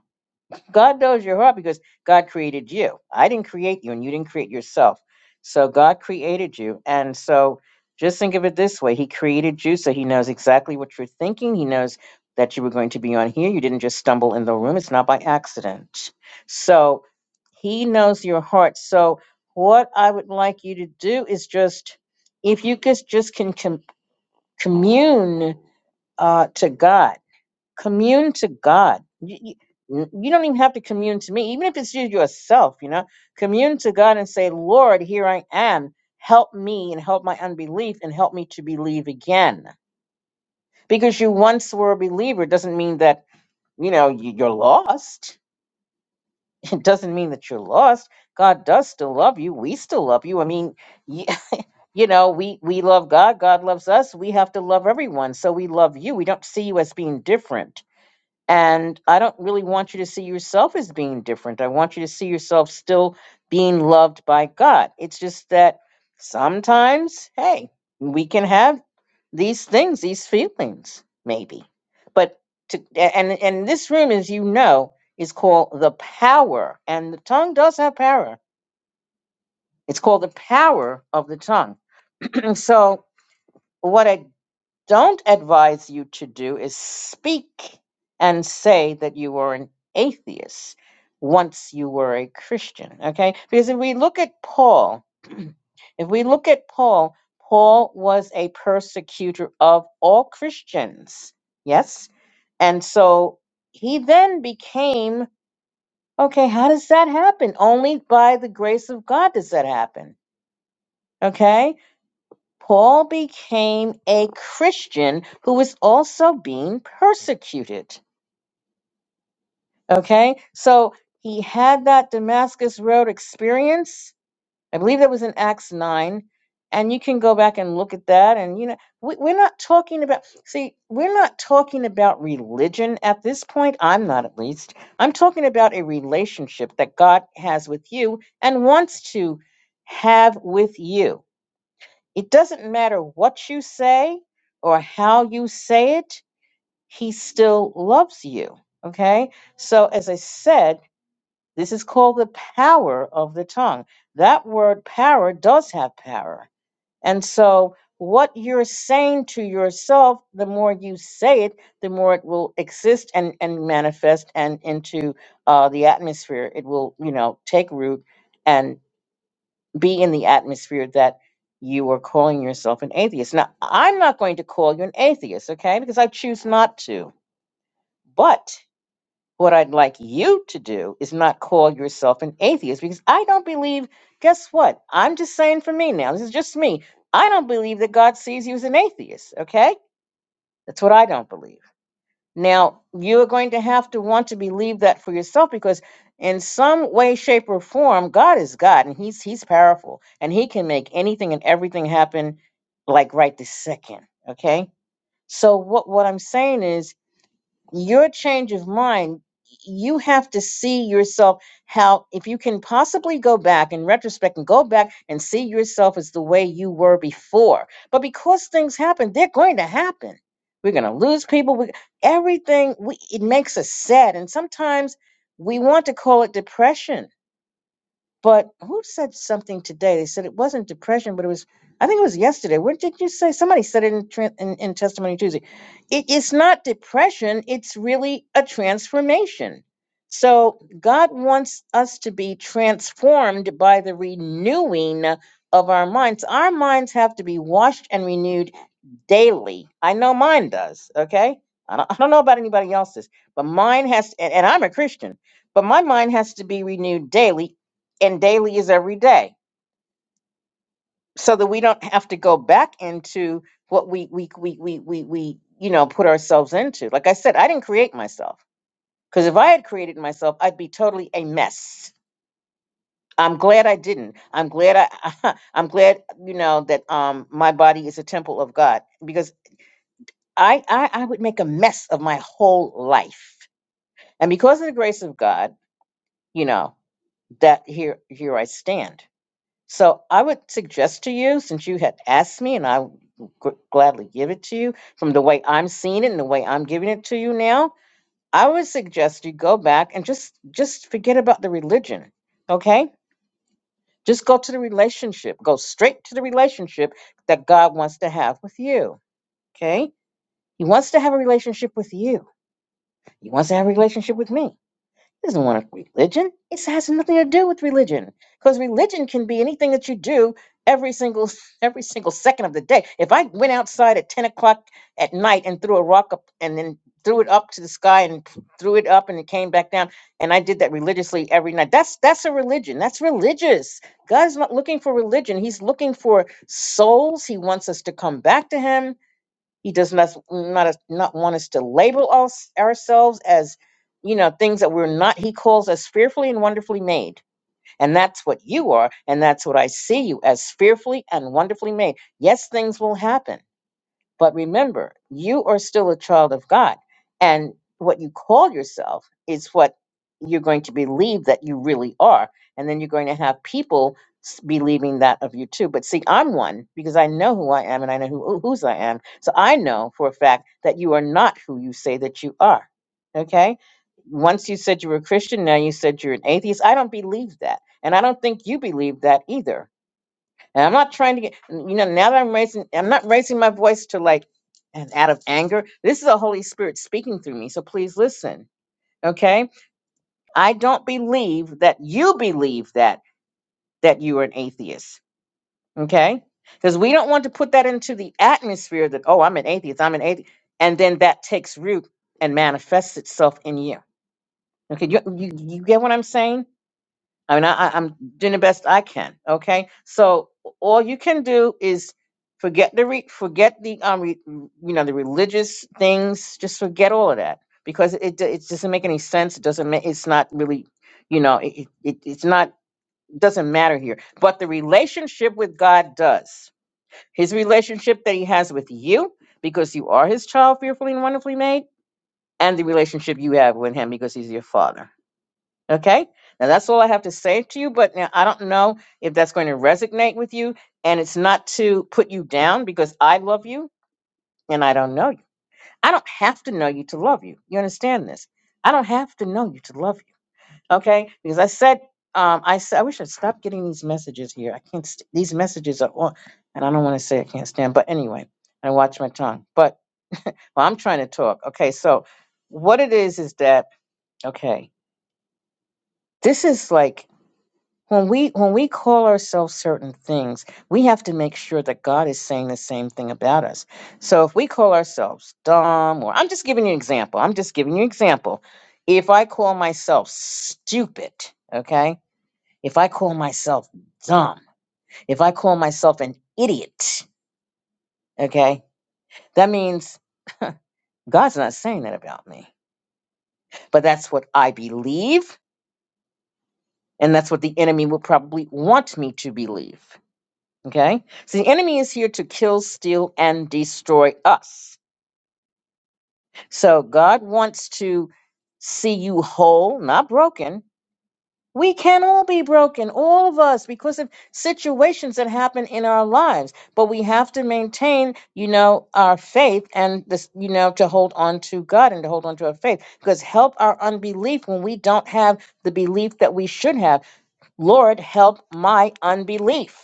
S1: God knows your heart because God created you. I didn't create you and you didn't create yourself. So God created you. And so just think of it this way He created you, so He knows exactly what you're thinking. He knows that you were going to be on here. You didn't just stumble in the room, it's not by accident. So He knows your heart. So what I would like you to do is just, if you could just can com- commune uh, to God commune to God. You, you, you don't even have to commune to me, even if it's you yourself, you know, commune to God and say, Lord, here I am. Help me and help my unbelief and help me to believe again. Because you once were a believer doesn't mean that, you know, you- you're lost. It doesn't mean that you're lost. God does still love you. We still love you. I mean, y- you know, we, we love God. God loves us. We have to love everyone. So we love you. We don't see you as being different And I don't really want you to see yourself as being different. I want you to see yourself still being loved by God. It's just that sometimes, hey, we can have these things, these feelings, maybe. But to and and this room, as you know, is called the power, and the tongue does have power. It's called the power of the tongue. And so, what I don't advise you to do is speak and say that you were an atheist once you were a Christian. Okay? Because if we look at Paul, if we look at Paul, Paul was a persecutor of all Christians. Yes? And so he then became okay, how does that happen? Only by the grace of God does that happen. Okay? Paul became a Christian who was also being persecuted. Okay, so he had that Damascus Road experience. I believe that was in Acts 9. And you can go back and look at that. And, you know, we, we're not talking about, see, we're not talking about religion at this point. I'm not, at least. I'm talking about a relationship that God has with you and wants to have with you it doesn't matter what you say or how you say it, he still loves you. Okay? So, as I said, this is called the power of the tongue. That word power does have power. And so, what you're saying to yourself, the more you say it, the more it will exist and, and manifest and into uh, the atmosphere. It will, you know, take root and be in the atmosphere that you are calling yourself an atheist. Now, I'm not going to call you an atheist, okay? Because I choose not to. But what I'd like you to do is not call yourself an atheist because I don't believe, guess what? I'm just saying for me now, this is just me. I don't believe that God sees you as an atheist, okay? That's what I don't believe. Now, you're going to have to want to believe that for yourself because in some way shape or form, God is God and he's he's powerful and he can make anything and everything happen like right this second, okay? So what what I'm saying is your change of mind you have to see yourself how if you can possibly go back in retrospect and go back and see yourself as the way you were before but because things happen they're going to happen we're going to lose people we, everything we, it makes us sad and sometimes we want to call it depression but who said something today? They said it wasn't depression, but it was. I think it was yesterday. What did you say? Somebody said it in tran- in, in Testimony Tuesday. It is not depression. It's really a transformation. So God wants us to be transformed by the renewing of our minds. Our minds have to be washed and renewed daily. I know mine does. Okay. I don't, I don't know about anybody else's, but mine has, and, and I'm a Christian, but my mind has to be renewed daily, and daily is every day, so that we don't have to go back into what we we we we we, we you know put ourselves into. Like I said, I didn't create myself because if I had created myself, I'd be totally a mess. I'm glad I didn't. I'm glad I I'm glad you know that um my body is a temple of God because I, I I would make a mess of my whole life. And because of the grace of God, you know, that here here I stand. So I would suggest to you, since you had asked me, and I would gr- gladly give it to you from the way I'm seeing it and the way I'm giving it to you now, I would suggest you go back and just just forget about the religion. Okay? Just go to the relationship. Go straight to the relationship that God wants to have with you. Okay? He wants to have a relationship with you. He wants to have a relationship with me. He doesn't want a religion. It has nothing to do with religion. Because religion can be anything that you do every single every single second of the day. If I went outside at ten o'clock at night and threw a rock up and then threw it up to the sky and threw it up and it came back down and I did that religiously every night. That's that's a religion. That's religious. God's not looking for religion. He's looking for souls. He wants us to come back to him he does not not not want us to label us ourselves as you know things that we're not. He calls us fearfully and wonderfully made, and that's what you are, and that's what I see you as fearfully and wonderfully made. Yes, things will happen but remember, you are still a child of God. And what you call yourself is what you're going to believe that you really are. And then you're going to have people s- believing that of you too. But see, I'm one because I know who I am and I know who, whose I am. So I know for a fact that you are not who you say that you are. Okay? Once you said you were a Christian, now you said you're an atheist. I don't believe that. And I don't think you believe that either and I'm not trying to get, you know, now that I'm raising, I'm not raising my voice to like, and out of anger. This is the Holy Spirit speaking through me. So please listen. Okay. I don't believe that you believe that, that you are an atheist. Okay. Because we don't want to put that into the atmosphere that, oh, I'm an atheist, I'm an atheist. And then that takes root and manifests itself in you. Okay. You, you, you get what I'm saying? I mean, I, I- I'm doing the best I can. Okay, so all you can do is forget the re- forget the um re- you know the religious things. Just forget all of that because it it doesn't make any sense. It doesn't make it's not really you know it, it it- it's not doesn't matter here. But the relationship with God does. His relationship that he has with you because you are his child, fearfully and wonderfully made, and the relationship you have with him because he's your father. Okay. Now that's all I have to say to you. But now I don't know if that's going to resonate with you. And it's not to put you down because I love you and I don't know you. I don't have to know you to love you. You understand this? I don't have to know you to love you. Okay. Because I said, um, I said, I wish I'd stop getting these messages here. I can't, st- these messages are on, and I don't want to say I can't stand, but anyway, I watch my tongue. But well, I'm trying to talk. Okay. So what it is is that, okay, this is like when we when we call ourselves certain things we have to make sure that god is saying the same thing about us so if we call ourselves dumb or i'm just giving you an example i'm just giving you an example if i call myself stupid okay if i call myself dumb if i call myself an idiot okay that means god's not saying that about me but that's what i believe and that's what the enemy will probably want me to believe Okay? So the enemy is here to kill, steal, and destroy us. So God wants to see you whole, not broken. We can all be broken, all of us, because of situations that happen in our lives. But we have to maintain, you know, our faith and this, you know, to hold on to God and to hold on to our faith. Because help our unbelief when we don't have the belief that we should have. Lord, help my unbelief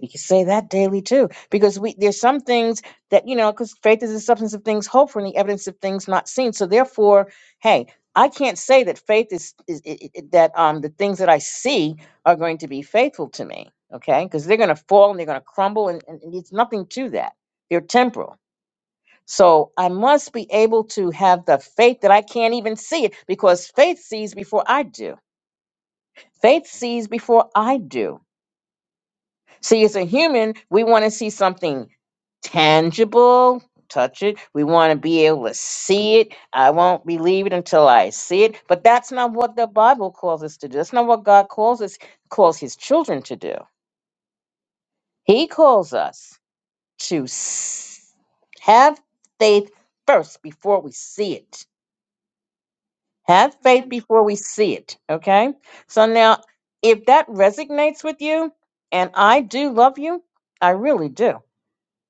S1: We can say that daily too, because we there's some things that you know, because faith is the substance of things hoped for and the evidence of things not seen. So therefore, hey, I can't say that faith is, is i- i- that um the things that I see are going to be faithful to me, okay? Because they're going to fall and they're going to crumble, and, and, and it's nothing to that. They're temporal. So I must be able to have the faith that I can't even see it, because faith sees before I do. Faith sees before I do. See, as a human, we want to see something tangible, touch it. We want to be able to see it. I won't believe it until I see it. But that's not what the Bible calls us to do. That's not what God calls us, calls his children to do. He calls us to s- have faith first before we see it. Have faith
S4: Man,
S1: before we see it. Okay? So now, if that resonates with you, and I do love you, I really do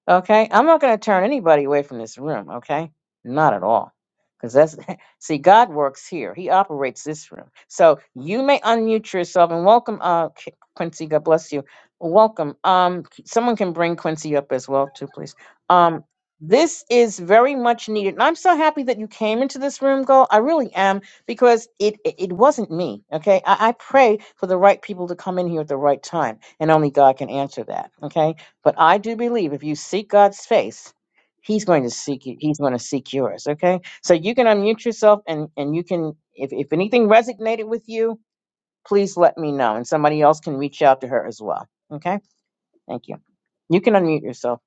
S1: Okay, I'm not going to turn anybody away from this room. Okay, not at all, because that's see, God works here. He operates this room. So you may unmute yourself and welcome, uh, Qu- Quincy. God bless you. Welcome. Um, someone can bring Quincy up as well, too, please. Um, this is very much needed, and I'm so happy that you came into this room, girl. I really am, because it it, it wasn't me. Okay, I, I pray for the right people to come in here at the right time, and only God can answer that. Okay but I do believe if you seek God's face, He's going to seek you. He's going to seek yours. Okay. So you can unmute yourself and, and you can, if, if anything resonated with you, please let me know. And somebody else can reach out to her as well. Okay. Thank you. You can unmute yourself.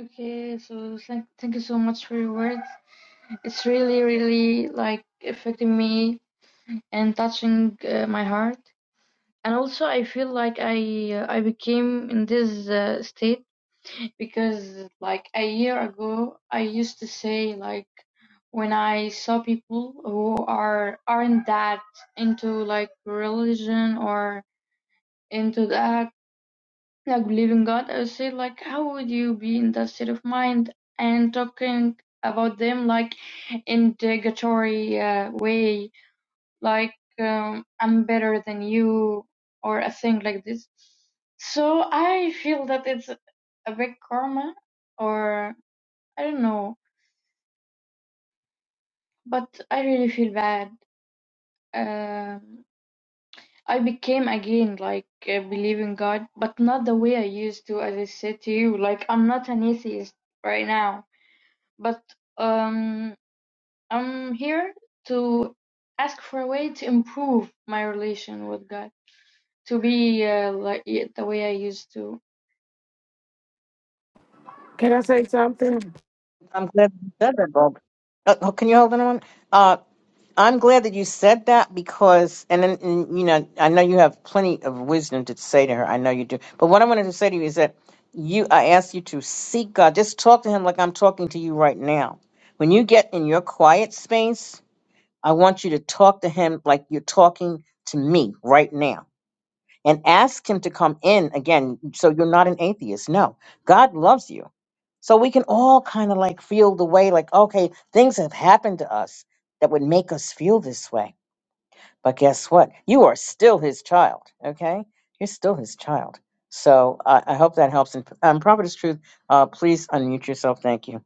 S4: Okay, so thank thank you so much for your words. It's really, really like affecting me and touching uh, my heart. And also, I feel like I uh, I became in this uh, state because like a year ago, I used to say like when I saw people who are aren't that into like religion or into that like believing God, I would say like how would you be in that state of mind and talking about them like in derogatory uh, way, like um, I'm better than you or a thing like this. So I feel that it's a big karma, or I don't know, but I really feel bad. Um, I became again like uh, believing God, but not the way I used to, as I said to you. Like I'm not an atheist right now but um, I'm here to ask for a way to improve my relation with God, to be uh, like the way I used to.
S2: Can I say something?
S1: I'm glad you said that, Bob. Uh, oh, can you hold on a moment? Uh, I'm glad that you said that because, and, then and you know, I know you have plenty of wisdom to say to her. I know you do. But what I wanted to say to you is that you, I ask you to seek God. Just talk to Him like I'm talking to you right now. When you get in your quiet space, I want you to talk to Him like you're talking to me right now and ask Him to come in again. So you're not an atheist. No, God loves you. So we can all kind of like feel the way like, okay, things have happened to us that would make us feel this way but guess what? You are still his child, okay? You're still his child. So I I hope that helps. And um, Prophetess Truth, uh, please unmute yourself. Thank you.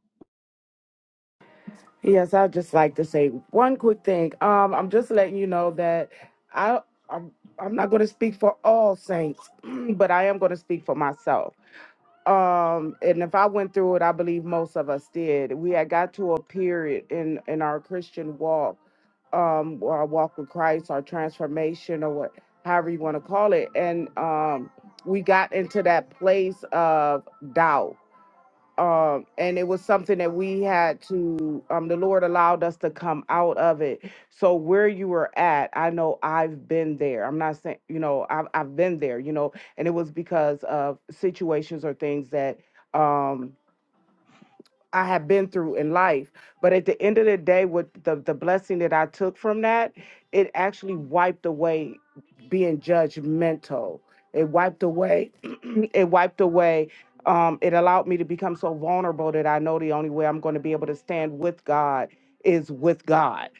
S2: Yes, I'd just like to say one quick thing. Um, I'm just letting you know that I I'm, I'm not going to speak for all saints, but I am going to speak for myself. Um, and if I went through it, I believe most of us did. We had got to a period in in our Christian walk, um, or our walk with Christ, our transformation, or what, however you want to call it, and um, we got into that place of doubt um and it was something that we had to um the lord allowed us to come out of it so where you were at i know i've been there i'm not saying you know i've, I've been there you know and it was because of situations or things that um I have been through in life. But at the end of the day, with the, the blessing that I took from that, it actually wiped away being judgmental. It wiped away, it wiped away. Um, it allowed me to become so vulnerable that I know the only way I'm going to be able to stand with God is with God.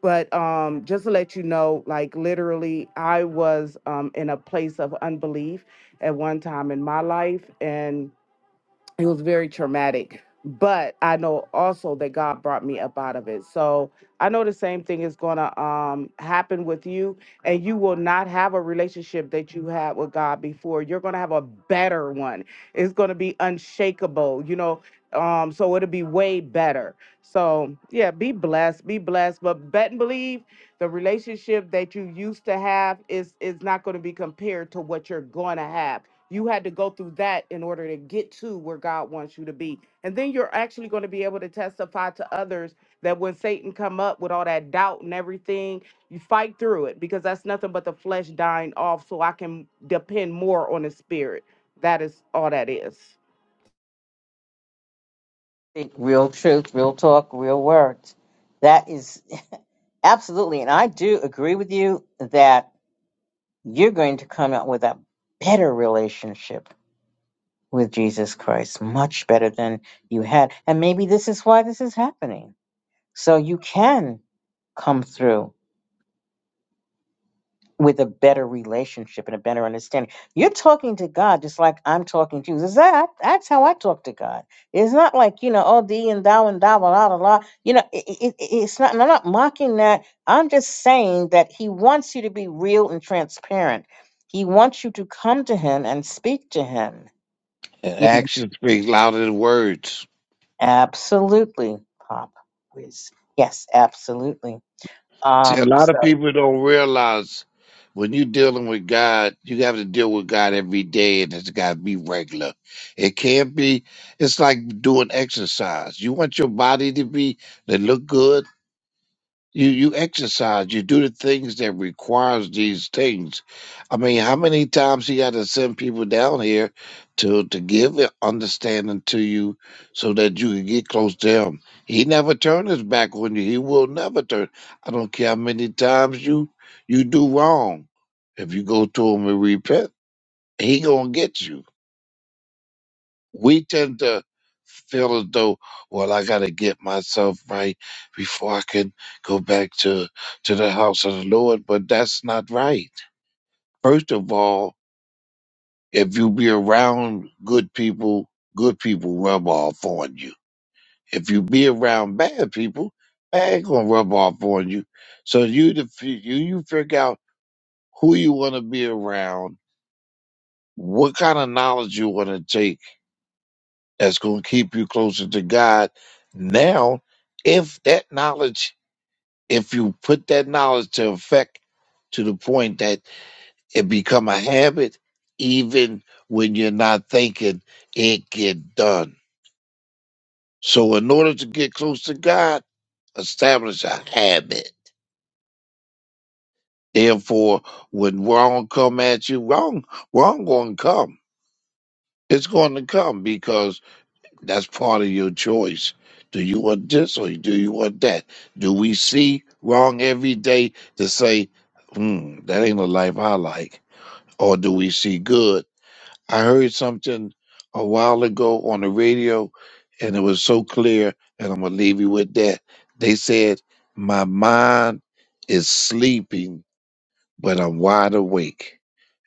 S2: But um, just to let you know, like literally, I was um, in a place of unbelief at one time in my life. and it was very traumatic but i know also that god brought me up out of it so i know the same thing is going to um, happen with you and you will not have a relationship that you had with god before you're going to have a better one it's going to be unshakable you know um, so it'll be way better so yeah be blessed be blessed but bet and believe the relationship that you used to have is is not going to be compared to what you're going to have you had to go through that in order to get to where god wants you to be and then you're actually going to be able to testify to others that when satan come up with all that doubt and everything you fight through it because that's nothing but the flesh dying off so i can depend more on the spirit that is all that is
S1: Speak Real truth, real talk, real words. That is absolutely. And I do agree with you that you're going to come out with a better relationship with Jesus Christ, much better than you had. And maybe this is why this is happening. So you can come through with a better relationship and a better understanding. You're talking to God just like I'm talking to you. Is that that's how I talk to God? It's not like you know, oh, thee and thou and thou, blah blah blah. blah. You know, it, it, it's not. And I'm not mocking that. I'm just saying that He wants you to be real and transparent. He wants you to come to Him and speak to Him.
S5: And
S1: You know,
S5: actions speak louder than words.
S1: absolutely, Pop Whiz. Yes, absolutely.
S5: See, a
S1: Um,
S5: lot of
S1: so.
S5: people don't realize when you're dealing with God, you have to deal with God every day, and it's got to be regular. It can't be. It's like doing exercise. You want your body to be to look good. You you exercise. You do the things that requires these things. I mean, how many times he got to send people down here to to give a- understanding to you so that you can get close to him. He never turned his back on you. He will never turn. I don't care how many times you you do wrong. If you go to him and repent, he gonna get you we tend to feel as though, well, I got to get myself right before I can go back to to the house of the Lord, but that's not right. First of all, if you be around good people, good people rub off on you. If you be around bad people, bad gonna rub off on you. So you def- you you figure out who you want to be around, what kind of knowledge you want to take that's going to keep you closer to God. Now, if that knowledge, if you put that knowledge to effect to the point that it become a habit, even when you're not thinking, it get done. So, in order to get close to God, establish a habit. Therefore, when wrong come at you, wrong, wrong going to come. It's going to come because That's part of your choice. Do you want this or do you want that? Do we see wrong every day to say, hmm, that ain't a life I like? Or do we see good? I heard something a while ago on the radio and it was so clear, and I'm going to leave you with that. They said, My mind is sleeping but I'm wide awake.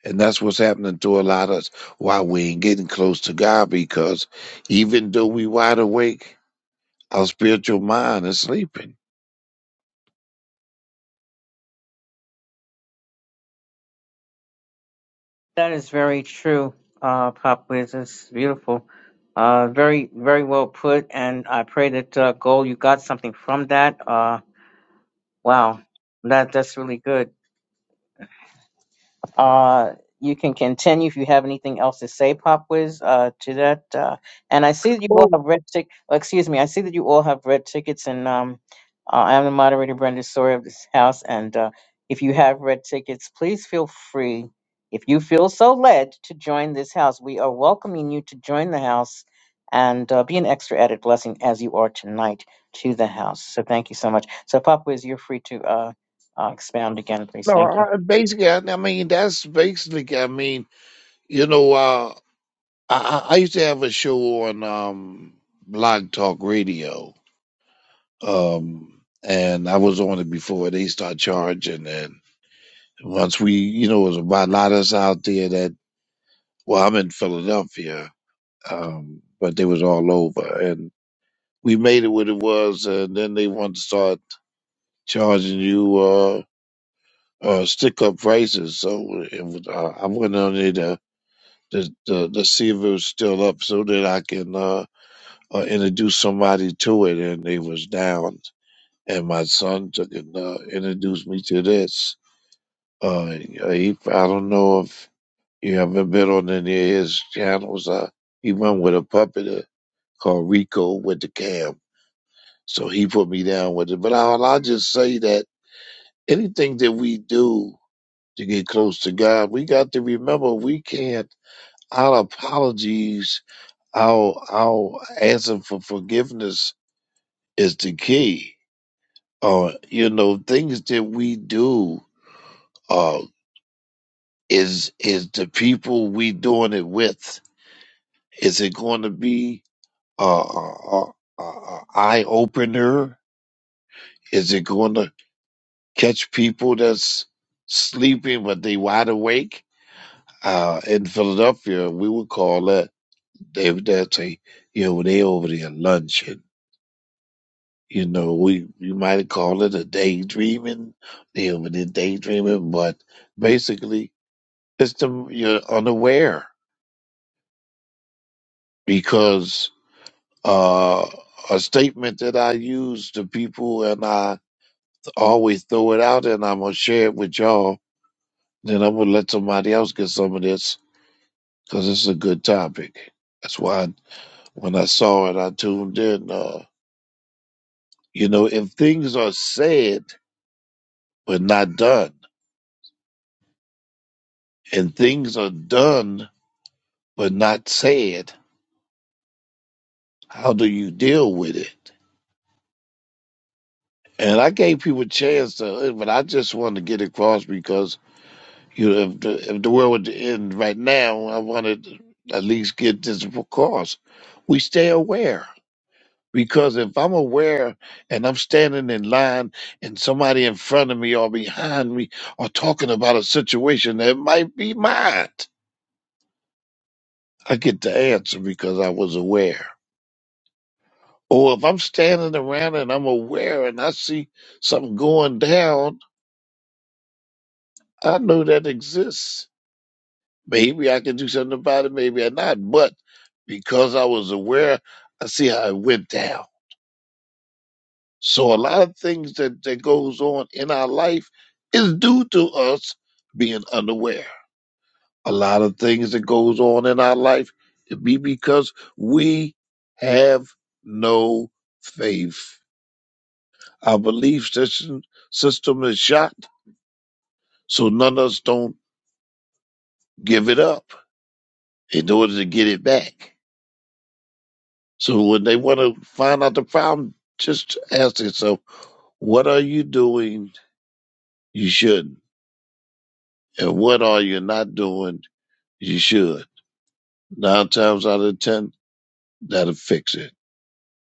S5: And that's what's happening to a lot of us why we ain't getting close to God because even though we wide awake, our spiritual mind is sleeping.
S1: That is very true, uh, Pop Wiz. It's beautiful. Uh, very, very well put. And I pray that, uh, Gold, you got something from that. Uh, wow. That, that's really good. Uh, you can continue if you have anything else to say, Pop Wiz, uh, to that. Uh, and I see that you all
S5: Well,
S1: have red tick. oh, excuse me. I see that you all have red tickets, and um, uh, I am the moderator, Brenda Sawyer of this house. And uh, if you have red tickets, please feel free, if you feel so led, to join this house. We are welcoming you to join the house and uh, be an extra added blessing as you are tonight to the house. So thank you so much. So, Pop Wiz, you're free to uh, uh, expound again, please.
S5: no,
S1: Thank you.
S5: I, basically, I, I mean, that's basically, I mean, you know, uh, I, I I used to have a show on um, Blog Talk Radio, um, and I was on it before they start charging. And once we, you know, it was about a lot of us out there that, well, I'm in Philadelphia um, but they was all over, and we made it what it was, and then they wanted to start charging you uh, uh, stick up prices. So it was, uh, I went on there to, to, to to see if it was still up, so that I can uh, uh, introduce somebody to it, and they was down. And my son took and uh, introduced me to this. Uh, yeah, he, I don't know if you haven't been on any of his channels. Uh, he went with a puppeter called Rico with the Cam So he put me down with it. But I'll, I'll just say that anything that we do to get close to God, we got to remember we can't, our apologies, our, our asking for forgiveness is the key. Uh, you know, things that we do, uh, is, is the people we doing it with. Is it going to be, a uh, uh, uh, eye opener? Is it going to catch people that's sleeping but they wide awake. Uh, in Philadelphia, we would call that they would they'd say, you know, they over there lunching. You know, we you might call it a daydreaming. They over there daydreaming, but basically, it's the you're unaware because uh, a statement that I use to people and I always throw it out and I'm gonna share it with y'all. Then I'm gonna let somebody else get some of this because it's a good topic. That's why I- when I saw it, I tuned in. Uh, you know, if things are said but not done, and things are done but not said, how do you deal with it? And I gave people a chance to, but I just wanted to get across because you know, if the if the world would end right now, I wanted to at least get this across. We stay aware. Because if I'm aware and I'm standing in line and somebody in front of me or behind me are talking about a situation that might be mine, I get the answer because I was aware. Or if I'm standing around and I'm aware and I see something going down, I know that exists. Maybe I can do something about it, maybe I not. But because I was aware, I see how it went down. So a lot of things that, that goes on in our life is due to us being unaware. A lot of things that goes on in our life it be because we have no faith. Our belief system system is shot, so none of us don't give it up in order to get it back. So when they want to find out the problem, just ask yourself, what are you doing you shouldn't? And what are you not doing You should. Nine times out of ten, that'll fix it.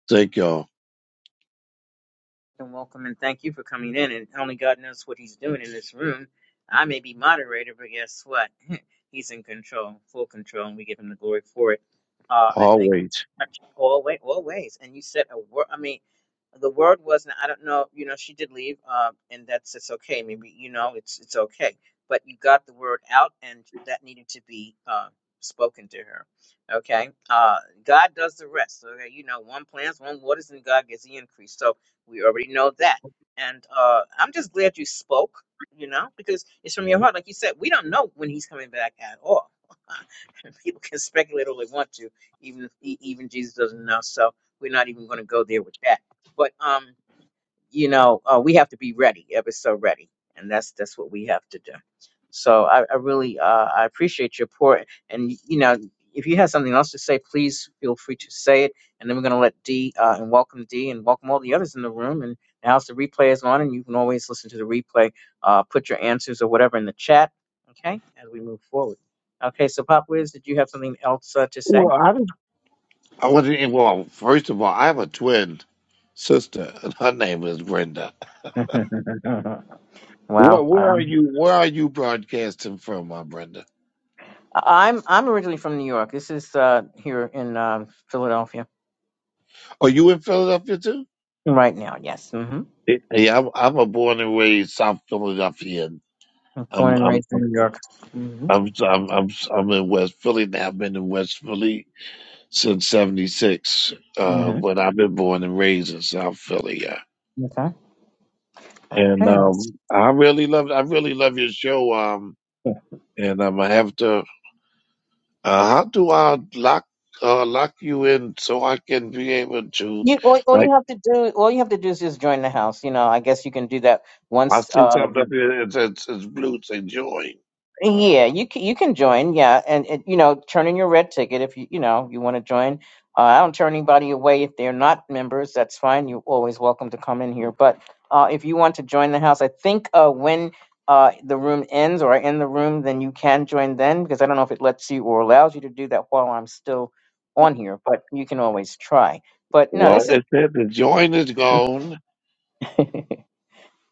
S5: Thank y'all.
S1: and welcome and thank you for coming in. And only God knows what He's doing in this room. I may be moderator, but guess what? he's in control, full control, and we give Him the glory for it. Uh, I thank you
S5: Always.
S1: very much always, always. And you said a word. I mean, the word was. I don't know. You know, she did leave, uh, and that's it's okay. Maybe you know, it's it's okay. But you got the word out, and that needed to be uh, spoken to her. Okay, uh, God does the rest. Okay, you know, one plants, one waters, and God gets the increase. So we already know that. And uh, I'm just glad you spoke, you know, because it's from your heart. Like you said, we don't know when he's coming back at all. People can speculate all they want to, even e- even Jesus doesn't know. So we're not even going to go there with that. But um, you know, uh, we have to be ready, ever so ready, and that's that's what we have to do. So I, I really uh, I appreciate your report, and you know, if you have something else to say, please feel free to say it. And then we're gonna let D uh, and welcome D and welcome all the others in the room. And now's the replay is on, and you can always listen to the replay. Uh, put your answers or whatever in the chat, okay? As we move forward. Okay, so Pop Wiz, did you have something else uh, to say?
S5: Well, I did I want to well. First of all, I have a twin sister, and her name is Brenda. Well, where are
S1: wow,
S5: you? Where are you broadcasting from, my Brenda?
S1: I- am I'm originally from New York. This is uh, here in um Philadelphia
S5: Are you in Philadelphia too?
S1: right now. Yes. hmm
S5: Yeah, yeah, I'm. I'm a born and raised South Philadelphian.
S1: Born
S5: I'm.
S1: and
S5: I'm.
S1: raised in New York. hmm
S5: I'm. I'm. I'm, I'm in West Philly now. I've been in West Philly since '76, uh,
S1: hmm
S5: when I've been born and raised in South Philly. yeah.
S1: Okay.
S5: and
S1: Okay.
S5: um, I really love I really love your show. Um,
S1: Yeah.
S5: and I'm gonna have to. Uh, how do I lock uh, lock you in so I can be able to
S1: You all, all
S5: like
S1: you have to do all you have to do is just join the house. You know, I guess you can do that
S5: I
S1: once.
S5: see
S1: Uh,
S5: something up here it says it's blue say join.
S1: Yeah, you can you can join. Yeah, and it, you know, turn in your red ticket if you you know you want to join. Uh, I don't turn anybody away if they're not members. That's fine. You're always welcome to come in here. But uh, if you want to join the house, I think uh, when uh, the room ends or I end the room, then you can join then because I don't know if it lets you or allows you to do that while I'm still on here. But you can always try. But no,
S5: Well,
S1: this is
S5: it said the join is gone.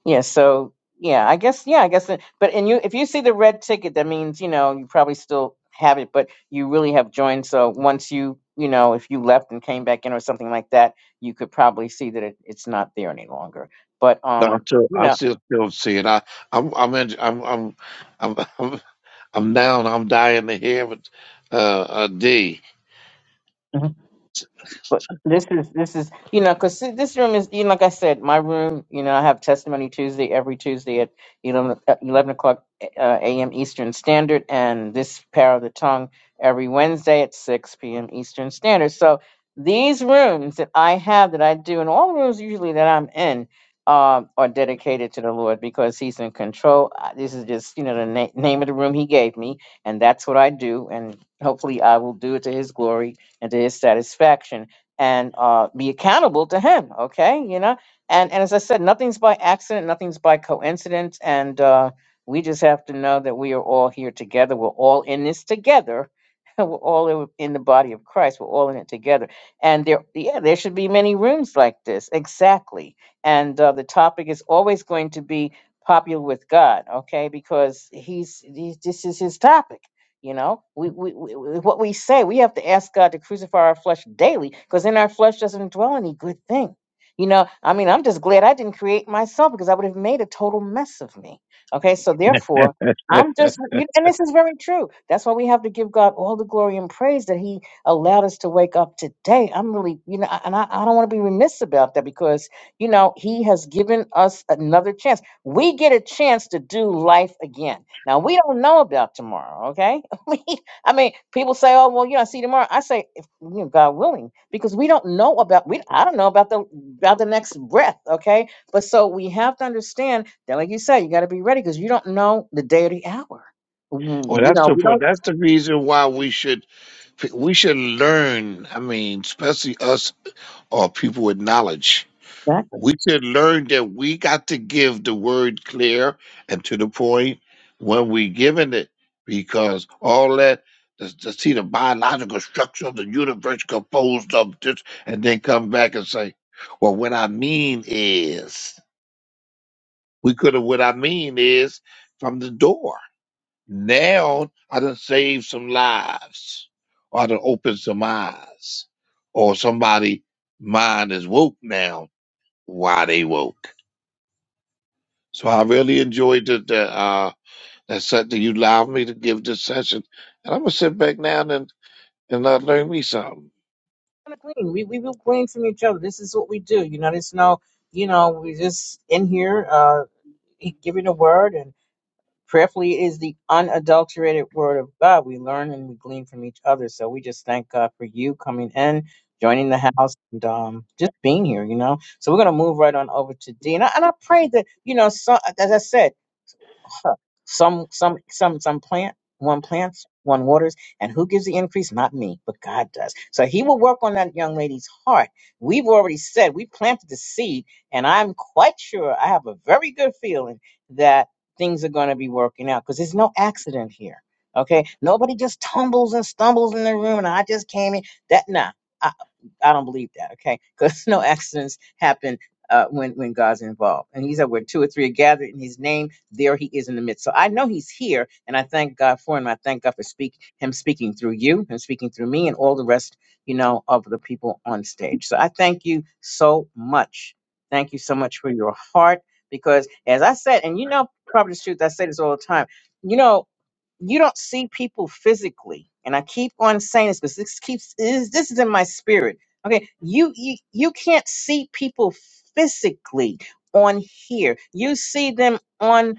S1: Yeah, so yeah, I guess yeah, I guess it, but and you if you see the red ticket, that means, you know, you probably still have it, but you really have joined. So once you, you know, if you left and came back in or something like that, you could probably see that it, it's not there any longer. But
S5: No, I
S1: um,
S5: still
S1: you
S5: I
S1: know.
S5: still still see it. I I'm I'm in, I'm I'm I'm I'm I'm down. I'm dying to hear it. Uh, a D.
S1: but this is this is you know because this room is you know, like I said my room you know I have testimony Tuesday every Tuesday at eleven at 11 o'clock uh, a.m. Eastern Standard and this power of the tongue every Wednesday at six p.m. Eastern Standard so these rooms that I have that I do and all the rooms usually that I'm in um, are dedicated to the Lord because He's in control Uh, this is just you know the na- name of the room He gave me and that's what I do and hopefully I will do it to His glory and to His satisfaction and uh, be accountable to him. Okay, you know, and and as I said, nothing's by accident, nothing's by coincidence, and uh, we just have to know that we are all here together. We're all in this together. We're all in in the body of Christ. We're all in it together. And there, yeah, there should be many rooms like this. Exactly. And uh, the topic is always going to be popular with God. Okay, because he's he, this is his topic you know, we, we, we what we say, we have to ask God to crucify our flesh daily, because in our flesh doesn't dwell any good thing. You know, I mean, I'm just glad I didn't create myself because I would have made a total mess of me. Okay, so therefore, I'm just, you, and this is very true. That's why we have to give God all the glory and praise that He allowed us to wake up today. I'm really, you know, I- and I, I don't want to be remiss about that because, you know, He has given us another chance. We get a chance to do life again. Now, we don't know about tomorrow, okay? I mean, people say, "Oh, well, you know, I see you tomorrow." I say, "If you know, God willing," because we don't know about we. I don't know about the about the next breath. Okay, but so we have to understand that, like you said, you got to be ready because you don't know the day or the hour.
S5: Well,
S1: Mm, You
S5: that's
S1: know, we
S5: the
S1: don't
S5: that's the reason why we should we should learn. I mean, especially us or people with knowledge,
S1: exactly.
S5: we should learn that we got to give the word clear and to the point when we giving it, because all that to, to see the biological structure of the universe composed of this, and then come back and say, "Well, what I mean is," we could have. What I mean is from the door. Now I done saved some lives, or I done opened some eyes, or somebody mind is woke now. Why they woke? So I really enjoyed the, the uh that set that you allowed me to give this session, and I'm gonna sit back now and and uh, learn me something.
S1: we gonna glean. We we will glean from each other. This is what we do. You know, there's no, you know, we just in here uh, e, giving a word Prayerfully is the unadulterated word of God. We learn and we glean from each other. So we just thank God for you coming in, joining the house, and um, just being here, you know. So we're going to move right on over to D. And I, and I pray that, you know, so, as I said, some some some some plant one plants one waters and who gives the increase not me but god does so he will work on that young lady's heart we've already said we planted the seed and i'm quite sure i have a very good feeling that things are going to be working out because there's no accident here okay nobody just tumbles and stumbles in the room and i just came in that nah i, I don't believe that okay because no accidents happen uh, when when god's involved and he said where two or three are gathered in his name there he is in the midst. So I know he's here, and I thank God for him. I thank God for speak him speaking through you and speaking through me and all the rest, you know, of the people on stage. So I thank you so much. Thank you so much for your heart, because as I said, and you know, probably the truth, I say this all the time. You know, you don't see people physically, and I keep on saying this because this keeps is this is in my spirit. Okay, you you, you can't see people physically on here. You see them on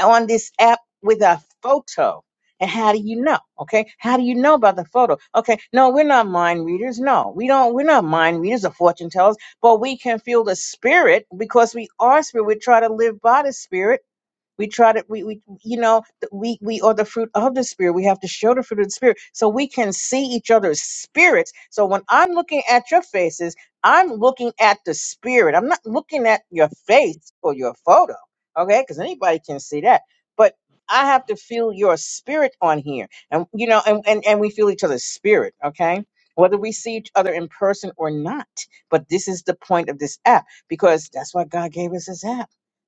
S1: on this app with a photo. And how do you know? Okay. How do you know about the photo? Okay. No, we're not mind readers. No, we don't. We're not mind readers or fortune tellers, but we can feel the spirit because we are spirit. We try to live by the spirit we try to we we you know th- we we are the fruit of the spirit. We have to show the fruit of the spirit so we can see each other's spirits. So when I'm looking at your faces, I'm looking at the spirit. I'm not looking at your face or your photo, okay? Because anybody can see that. But I have to feel your spirit on here, and you know, and and and we feel each other's spirit, okay? Whether we see each other in person or not. But this is the point of this app because that's why God gave us this app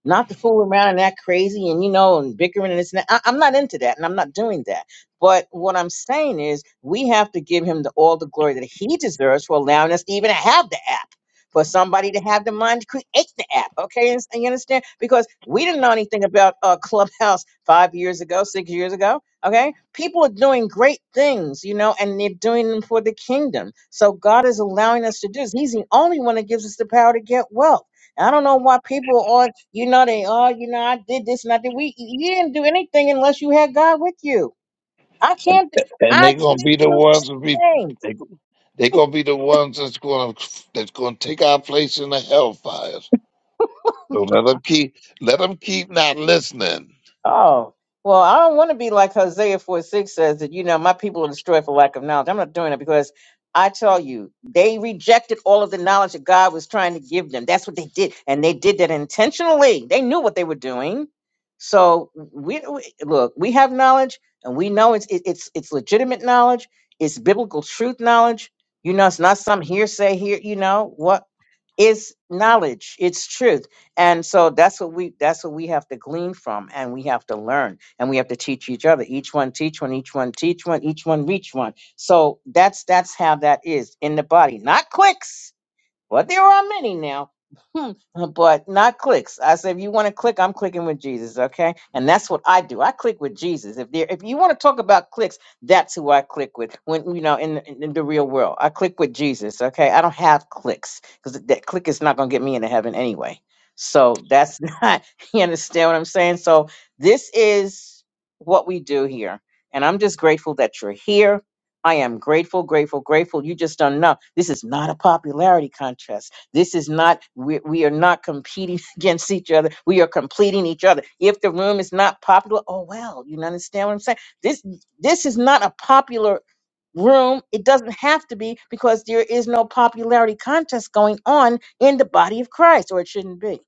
S1: not to fool around and act crazy and you know and bickering and this and that. I, I'm not into that, and I'm not doing that. But what I'm saying is, we have to give him the, all the glory that he deserves for allowing us to even have the app. For somebody to have the mind to create the app, okay? And, and you understand? Because we didn't know anything about uh, Clubhouse five years ago, six years ago, okay? People are doing great things, you know, and they're doing them for the kingdom. So God is allowing us to do this. He's the only one that gives us the power to get wealth. I don't know why people are, you know, they are, you know, I did this and I did. We, you didn't do anything unless you had God with you. I
S5: And
S1: can't,
S5: and
S1: I
S5: they gonna
S1: can't
S5: be the
S1: do
S5: ones that be
S1: anything.
S5: they they gonna be the ones that's gonna that's gonna take our place in the hellfires. So let them keep let them keep not listening.
S1: Oh, well, I don't want to be like Hosea 4 6 says that, you know, my people are destroyed for lack of knowledge. I'm not doing it because I tell you, they rejected all of the knowledge that God was trying to give them. That's what they did. And they did that intentionally. They knew what they were doing. So we, we look, we have knowledge and we know it's it, it's it's legitimate knowledge, it's biblical truth knowledge. You know, it's not some hearsay here, you know, what is knowledge? It's truth. And so that's what we that's what we have to glean from and we have to learn and we have to teach each other. Each one teach one, each one teach one, each one reach one. So that's that's how that is in the body. Not clicks. But there are many now, but not clicks. I said, if you want to click, I'm clicking with Jesus, okay? And that's what I do. I click with Jesus. If there, if you want to talk about clicks, that's who I click with. When you know, in, in, in the real world, I click with Jesus, okay? I don't have clicks because that click is not going to get me into heaven anyway. So that's not. You understand what I'm saying? So this is what we do here, and I'm just grateful that you're here. I am grateful, grateful, grateful. You just don't know. This is not a popularity contest. This is not, we, we are not competing against each other. We are completing each other. If the room is not popular, oh well, you understand what I'm saying? This this is not a popular room. It doesn't have to be because there is no popularity contest going on in the body of Christ, or it shouldn't be.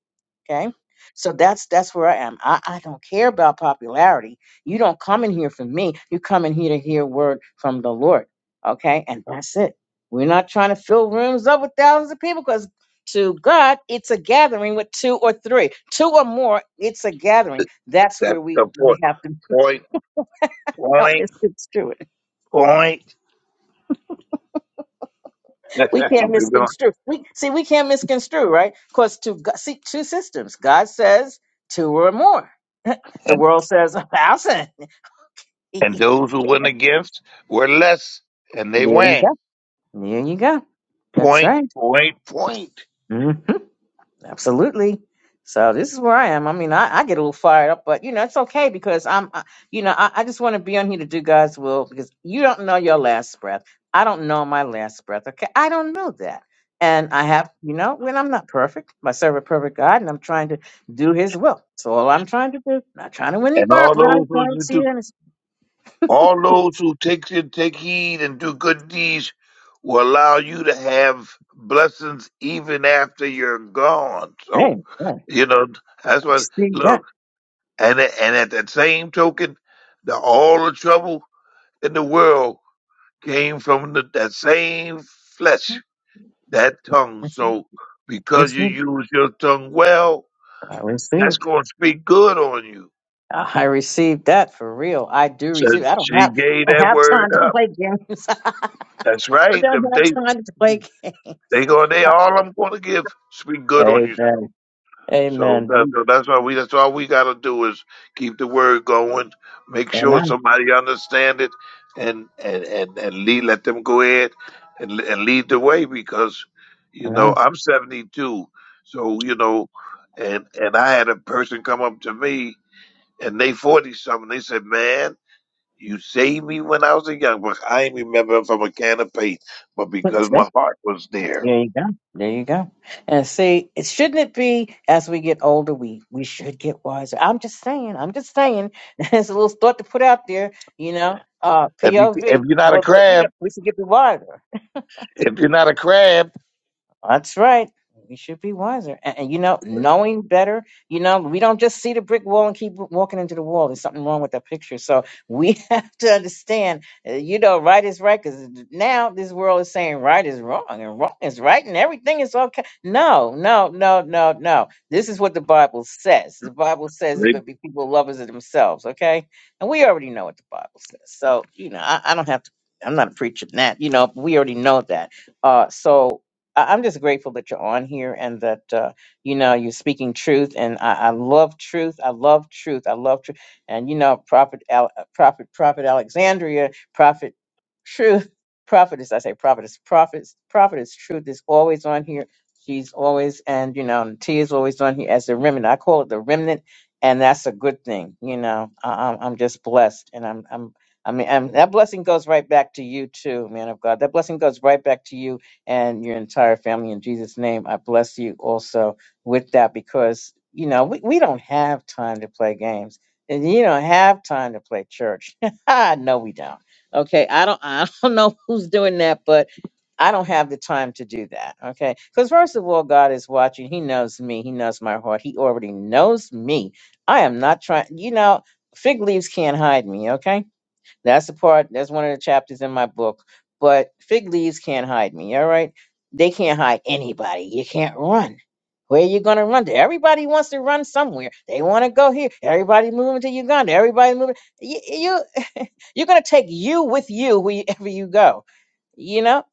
S1: Okay. So that's that's where I am. I, I don't care about popularity. You don't come in here for me. You come in here to hear word from the Lord. Okay? And that's it. We're not trying to fill rooms up with thousands of people because to God, it's a gathering with two or three. Two or more, it's a gathering. That's
S5: That's
S1: where we,
S5: the point.
S1: we have to
S5: Point,
S1: don't
S5: point,
S1: misconstrue it.
S5: point.
S1: We can't
S5: and, people
S1: misconstrue. We see we can't misconstrue, right? Because to Go- see two systems. God says two or more. The
S5: and
S1: world says a thousand.
S5: and those who went against were less, and they
S1: There you
S5: went
S1: go. There you go. That's
S5: point
S1: right.
S5: point point.
S1: Mm-hmm. Absolutely. So this is where I am. I mean, I, I get a little fired up, but you know, it's okay because I'm, I, you know, I, I just want to be on here to do God's will because you don't know your last breath. I don't know my last breath. Okay. I don't know that. And I have, you know, when I'm not perfect, I serve a perfect God and I'm trying to do his will. So all I'm trying to do, not trying to win any
S5: And
S1: bar,
S5: all
S1: trying
S5: those who
S1: to
S5: you
S1: see
S5: do,
S1: it. And it's,
S5: all those who take take heed and do good deeds, will allow you to have blessings even after you're gone. So,
S1: hey, yeah, I
S5: you know that's what.
S1: see that.
S5: Look, and and at that same token, the all the trouble in the world came from the, that same flesh, that tongue.
S1: I see that.
S5: So
S1: I
S5: because you
S1: receive it.
S5: use your tongue well,
S1: I receive it.
S5: that's going to speak good on you.
S1: I received that for real. I do
S5: So
S1: receive. I don't
S5: she
S1: have.
S5: gave
S1: I don't
S5: that
S1: have time
S5: word
S1: to
S5: up.
S1: play games. I
S5: That's right.
S1: don't
S5: Them- They
S1: have time to play
S5: they
S1: games.
S5: going they all I'm going to give speak good on you. so.
S1: Amen.
S5: So that,
S1: Amen.
S5: that's why we that's all we got to do is keep the word going, make sure
S1: Amen.
S5: somebody understand it, and and and and lead, let them go ahead and le- and lead the way because you know
S1: Amen.
S5: I'm 72, so you know, and and I had a person come up to me and they 40 something. They said, "Man, you saved me when I was a young buck. I ain't remember from a can of paint, but
S1: Look,
S5: because
S1: see,
S5: my heart was there.
S1: There you go. There you go. And see, it shouldn't it be as we get older, we we should get wiser. I'm just saying. I'm just saying. It's a little thought to put out there. You know, uh,
S5: If you if
S1: POV.
S5: you're not a
S1: But but you know,
S5: crab,
S1: we should get wiser.
S5: if you're not a crab."
S1: That's right. We should be wiser. And, and you know, knowing better, you know, we don't just see the brick wall and keep walking into the wall. There's something wrong with that picture. So we have to understand, uh, you know, right is right because now this world is saying right is wrong and wrong is right and everything is okay. No, no, no, no, no. This is what the Bible says. The Bible says there's
S5: They,
S1: going to be people lovers of themselves, okay? And we already know what the Bible says. So, you know, I, I don't have to, I'm not preaching that, you know, we already know that. Uh, so, I- I'm just grateful that you're on here and that uh, you know you're speaking truth, and I, I love truth. I love truth. I love truth. And you know, Prophet, Al- uh, Prophet, Prophet Alexandria, Prophet Truth, Prophetess. I say Prophetess, Prophets, Prophetess Truth is always on here. She's always, and you know, T is always on here as the remnant. I call it the remnant, and that's a good thing. You know, I, I'm I'm just blessed, and I'm I'm. I mean, and that blessing goes right back to you too, man of God. That blessing goes right back to you and your entire family in Jesus' name. I bless you also with that because, you know, we, we don't have time to play games. And you don't have time to play church. no, we don't. Okay. I don't I don't know who's doing that, but I don't have the time to do that. Okay. Because, first of all, God is watching. He knows me. He knows my heart. He already knows me. I am not trying, you know, fig leaves can't hide me. Okay. That's the part, that's one of the chapters in my book. But fig leaves can't hide me, all right? They can't hide anybody. You can't run. Where are you going to run to? Everybody wants to run somewhere. They want to go here. Everybody moving to Uganda. Everybody moving. You, you, you're going to take you with you wherever you go you know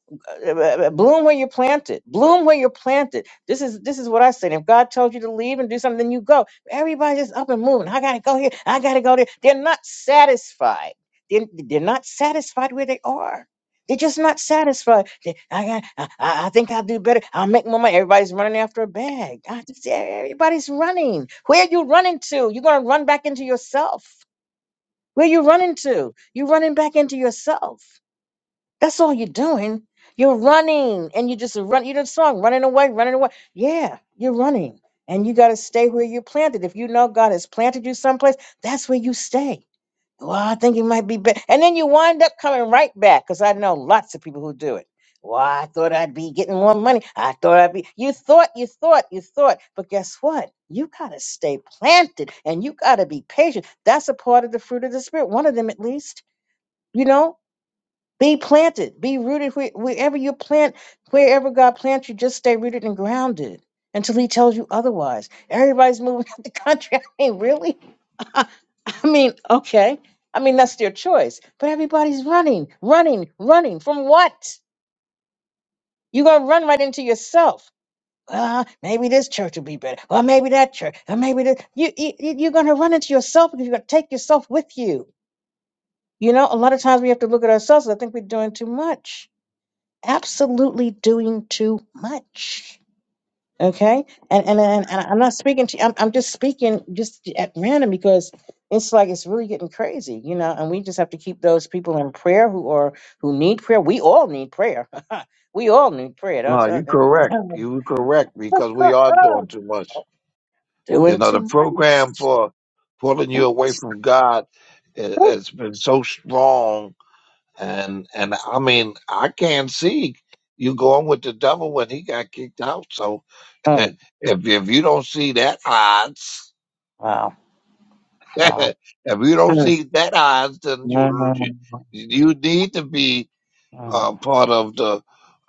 S1: uh, uh, bloom where you're planted bloom where you're planted this is this is what i said if god told you to leave and do something then you go everybody's just up and moving i gotta go here i gotta go there they're not satisfied they're, they're not satisfied where they are they're just not satisfied They- i got I, I I think i'll do better i'll make more money everybody's running after a bag I just- everybody's running where are you running to you're gonna run back into yourself where you running to you're running back into yourself that's all you're doing. You're running and you just run. You know the song, running away, running away. Yeah, you're running and you got to stay where you're planted. If you know God has planted you someplace, that's where you stay. Well, I think it might be better. And then you wind up coming right back because I know lots of people who do it. Well, I thought I'd be getting more money. I thought I'd be. You thought, you thought, you thought. But guess what? You got to stay planted and you got to be patient. That's a part of the fruit of the Spirit, one of them at least. You know, be planted, be rooted where, wherever you plant, wherever God plants you, just stay rooted and grounded until He tells you otherwise. Everybody's moving out the country. I mean, really? I mean, okay. I mean, that's their choice. But everybody's running, running, running from what? You're going to run right into yourself. Well, maybe this church will be better. Well, maybe that church. Or maybe this. You, you, you- you're going to run into yourself because you're going to take yourself with you. You know, a lot of times we have to look at ourselves. I think we're doing too much absolutely doing too much. Okay, and and and, and I'm not speaking to. I'm I'm just speaking just at random because it's like it's really getting crazy, you know. And we just have to keep those people in prayer who are who need prayer. We all need prayer. we all need prayer. Don't,
S5: no, you
S1: don't, don't- you
S5: correct.
S1: know.
S5: You correct because we are doing too much. You
S1: doing
S5: know, the
S1: too
S5: program for pulling you
S1: much.
S5: away from God i- has been so strong, and and I mean, I can't see you going with the devil when he got kicked out. So if
S1: Mm,
S5: if you don't see that odds,
S1: Wow! Wow!
S5: if you don't
S1: Mm,
S5: see that odds, then
S1: mm,
S5: you you
S1: mm,
S5: you need to be uh,
S1: mm.
S5: part of the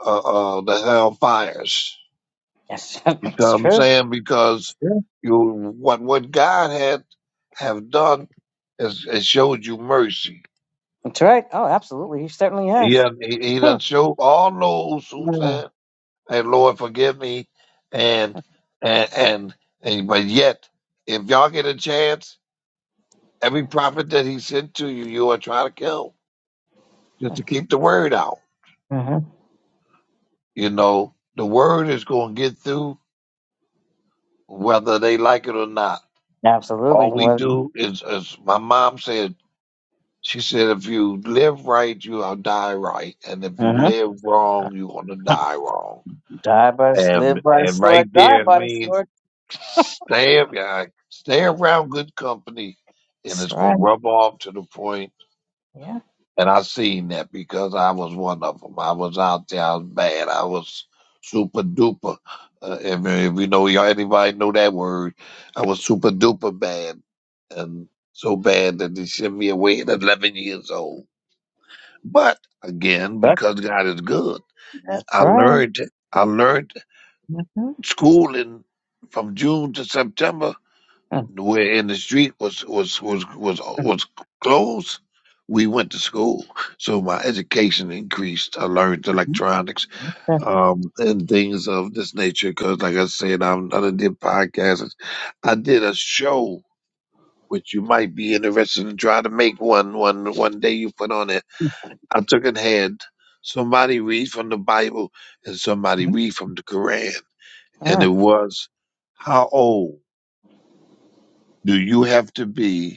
S5: uh, uh, the hellfires.
S1: Yes,
S5: You know
S1: it's
S5: what I'm
S1: true.
S5: saying? Because
S1: It's true.
S5: you what what God had have done is, is showed you mercy.
S1: That's right. Oh, absolutely. He certainly
S5: He
S1: has.
S5: done, he, he done
S1: Mm,
S5: showed all those who said, "Hey Lord, forgive me," and and and, and but yet, if y'all get a chance. Every prophet that he sent to you, you are trying to kill just to keep the word out.
S1: mm,
S5: You know, the word is going to get through whether they like it or not.
S1: Absolutely.
S5: All we
S1: Well,
S5: do is, as my mom said, she said, if you live right, you'll die right. And if you
S1: uh
S5: live wrong, you're going to die wrong.
S1: die by the
S5: And,
S1: live by the
S5: and right
S1: sword, die
S5: there it
S1: by the
S5: means
S1: sword.
S5: stay, yeah, stay around good company and
S1: That's
S5: it's going to
S1: right.
S5: rub off to the point.
S1: Yeah,
S5: And I seen that because I was one of them. I was out there. I was bad. I was super duper. Uh, if, if you know, y'all, anybody know that word, I was super duper bad and so bad that they sent me away at 11 years old. But again,
S1: that's,
S5: because God is good,
S1: that's
S5: I
S1: right.
S5: learned, I learned
S1: Mm-hmm.
S5: schooling from June to September where in the street was was was was was closed. We went to school, so my education increased. I learned
S1: Mm-hmm.
S5: electronics
S1: Mm-hmm.
S5: um, and things of this nature. Because, like I said, I'm, I done did podcasts. I did a show, which you might be interested in. Try to make one one one day. You put on it. I took it had somebody read from the Bible and somebody read from the Quran, and it
S1: Mm-hmm.
S5: was, "How old do you have to be?"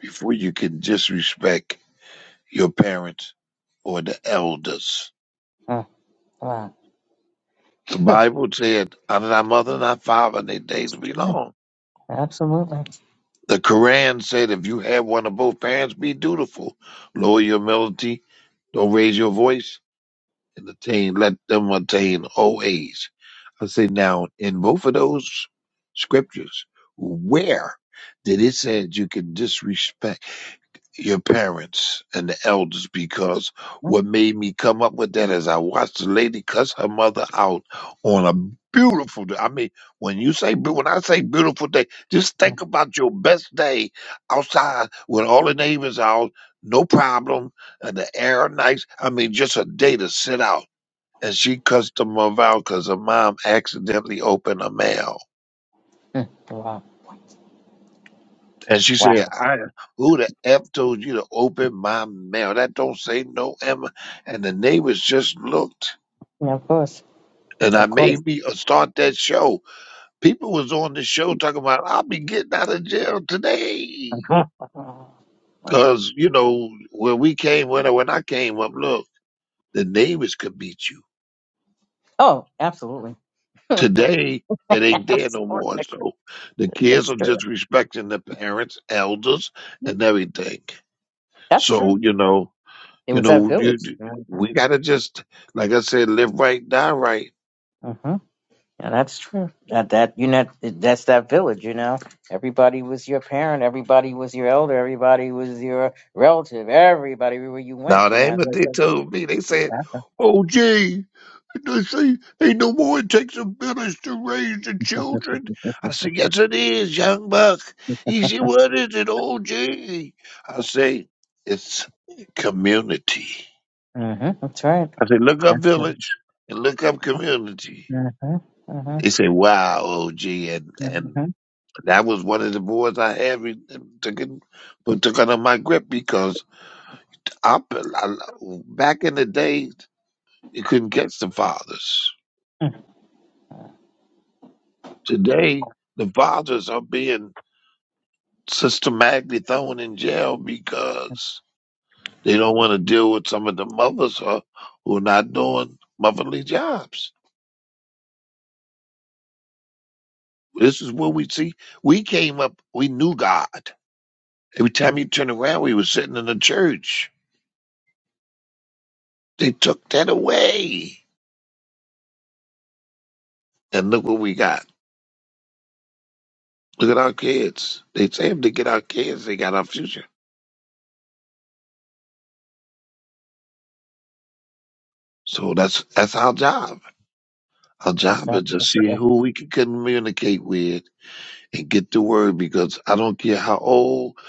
S5: before you can disrespect your parents or the elders.
S1: Wow,
S5: The Bible said, honor thy mother and thy father, and their days
S1: it's
S5: be
S1: true.
S5: long.
S1: Absolutely.
S5: The Quran said, if you have one of both parents, be dutiful. Lower your melody, don't raise your voice, and attain, let them attain old age. I say now, in both of those scriptures, where did it say you can disrespect? your parents and the elders because
S1: Mm-hmm.
S5: what made me come up with that is I watched the lady cuss her mother out on a beautiful day. I mean, when you say beau- when I say beautiful day, just think about your best day outside when all the neighbors out, no problem, and the air nice. I mean, just a day to sit out. And she cussed her mother out because her mom accidentally opened her mail
S1: Mm-hmm. Wow,
S5: And she
S1: wow.
S5: said, I who the F told you to open my mail? That don't say no Emma. And the neighbors just looked.
S1: Yeah, of course,
S5: And I
S1: of course.
S5: made me uh, start that show. People was on the show talking about I'll be getting out of jail today.
S1: Mhm.
S5: Cause, you know, when we came when I when I came up, look, the neighbors could beat you.
S1: oh, absolutely.
S5: Today it ain't there no more.
S1: absolutely,
S5: So the kids
S1: that's
S5: are
S1: true.
S5: disrespecting the parents, elders, and everything.
S1: That's true.
S5: So, you know,
S1: It
S5: You
S1: was that
S5: know, you,
S1: village.
S5: we gotta just, like I said, live right, die right.
S1: hmm Yeah, that's true. That that you know that's that village. You know, everybody was your parent, everybody was your elder, everybody was your relative, everybody where you
S5: Now
S1: went. You
S5: that ain't
S1: know,
S5: what
S1: that's,
S5: they
S1: that's,
S5: told me. They said, "Oh, gee, they say ain't no more. It takes a village to raise the children." I said, "Yes, it is, young buck." He said, "What is it, oh, gee?" I say, "It's community."
S1: hmm that's right.
S5: I said, "Look up
S1: That's right.
S5: village and look up community."
S1: Mm-hmm.
S5: They
S1: Mm-hmm.
S5: say, "Wow, OG," and and
S1: Mm-hmm.
S5: That was one of the boards I had re- took it, but took out of my grip because I, I back in the day you couldn't catch the fathers. Today the fathers are being systematically thrown in jail because they don't want to deal with some of the mothers who who are not doing motherly jobs. This is what we see. We came up, we knew God. Every time you turn around, we were sitting in the church. They took that away, and look what we got. Look at our kids. They saved to get our kids. They got our future. So that's that's our job. Our
S1: And it's
S5: job is
S1: that.
S5: to see who we can communicate with and get the word. Because I don't care how old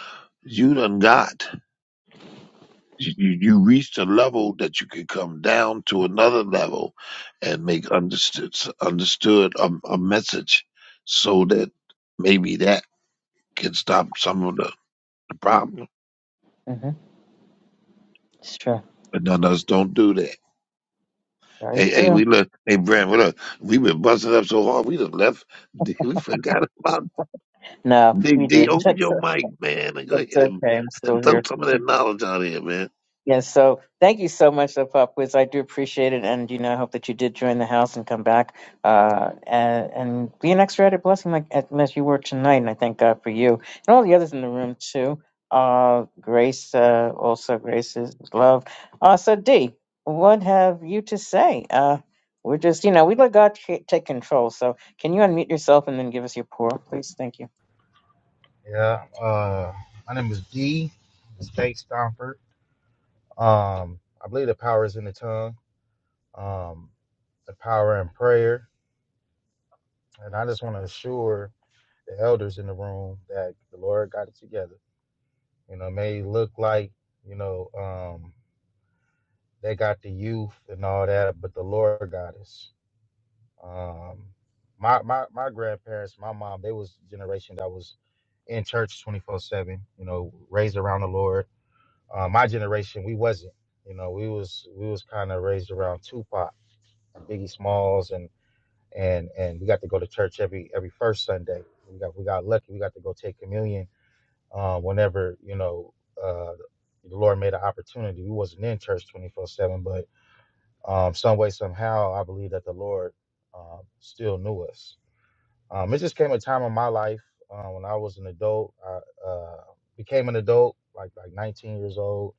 S5: you done got, you, you you reached a level that you can come down to another level and make understood understood a, a message, so that maybe that can stop some of the, the problem.
S1: Mm-hmm. It's true.
S5: But none of us don't do that.
S1: Very
S5: Hey, hey,
S1: true.
S5: we look. Hey, Brand, what up? we been busting up so hard, we just left. We forgot about
S1: No,
S5: D.
S1: we
S5: D.
S1: did.
S5: Open
S1: That's
S5: your
S1: okay.
S5: mic, man, and go
S1: That's
S5: ahead and,
S1: okay. I'm
S5: and
S1: still here.
S5: throw some of that knowledge out here, man.
S1: Yes, so thank you so much, uh, Pop Quiz. I do appreciate it, and you know, I hope that you did join the house and come back uh, and, and be an extra added blessing, like as as you were tonight. And I thank God for you and all the others in the room too. Uh, Grace, uh, also Grace's love. Uh, so D, what have you to say? Uh, we're just, you know, we let God ta- take control. So can you unmute yourself and then give us your pour, please? Thank you.
S6: Yeah. Uh, my name is D. It's Dave Stomper. Um, I believe the power is in the tongue, um, the power in prayer. And I just want to assure the elders in the room that the Lord got it together. You know, it may look like, you know, um, they got the youth and all that, but the Lord got us. Um, my, my, my grandparents, my mom, they was the generation that was in church 24 7, you know, raised around the Lord Uh, my generation, we wasn't. You know, we was we was kind of raised around Tupac, Biggie Smalls, and and and we got to go to church every every first Sunday. We got we got lucky. We got to go take communion uh, whenever you know uh, the Lord made an opportunity. We wasn't in church twenty four seven, but um, some way somehow, I believe that the Lord um, still knew us. Um, it just came a time in my life uh, when I was an adult. I uh, became an adult, like like 19 years old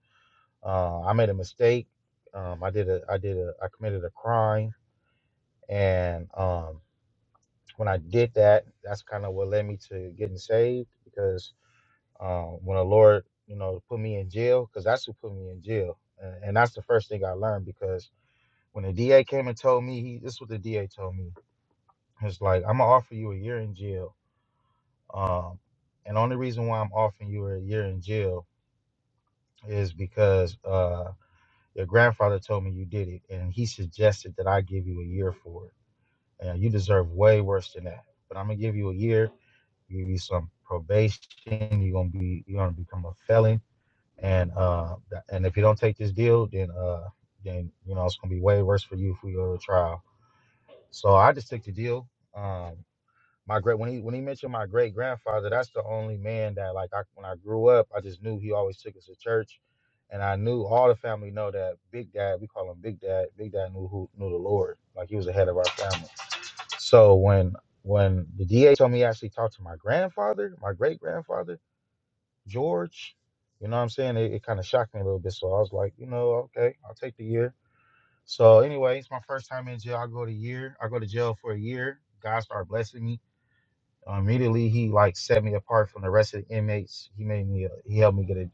S6: uh, I made a mistake. Um, I did a, I did a, I committed a crime, and um, when I did that, that's kind of what led me to getting saved because um, when the Lord, you know, put me in jail, because that's who put me in jail, and, and that's the first thing I learned because when the DA came and told me, he, this is what the DA told me. It's like I'm gonna offer you a year in jail, um, and only reason why I'm offering you a year in jail is because. Uh, Your grandfather told me you did it, and he suggested that I give you a year for it. And you deserve way worse than that. But I'm gonna give you a year, give you some probation. You're gonna be you're gonna become a felon, and uh, and if you don't take this deal, then uh, then you know it's gonna be way worse for you if we go to trial. So I just took the deal. Um, my great when he when he mentioned my great grandfather, that's the only man that like I, when I grew up, I just knew he always took us to church, and I knew all the family know that Big Dad, we call him Big Dad. Big Dad knew who knew the Lord, like he was the head of our family. So when when the DA told me he actually talked to my grandfather, my great grandfather George, you know what I'm saying? It, it kind of shocked me a little bit. So I was like, you know, okay, I'll take the year. So anyway, it's my first time in jail. I go to year. I go to jail for a year. God started blessing me uh, immediately he like set me apart from the rest of the inmates. He made me. A, he helped me get a.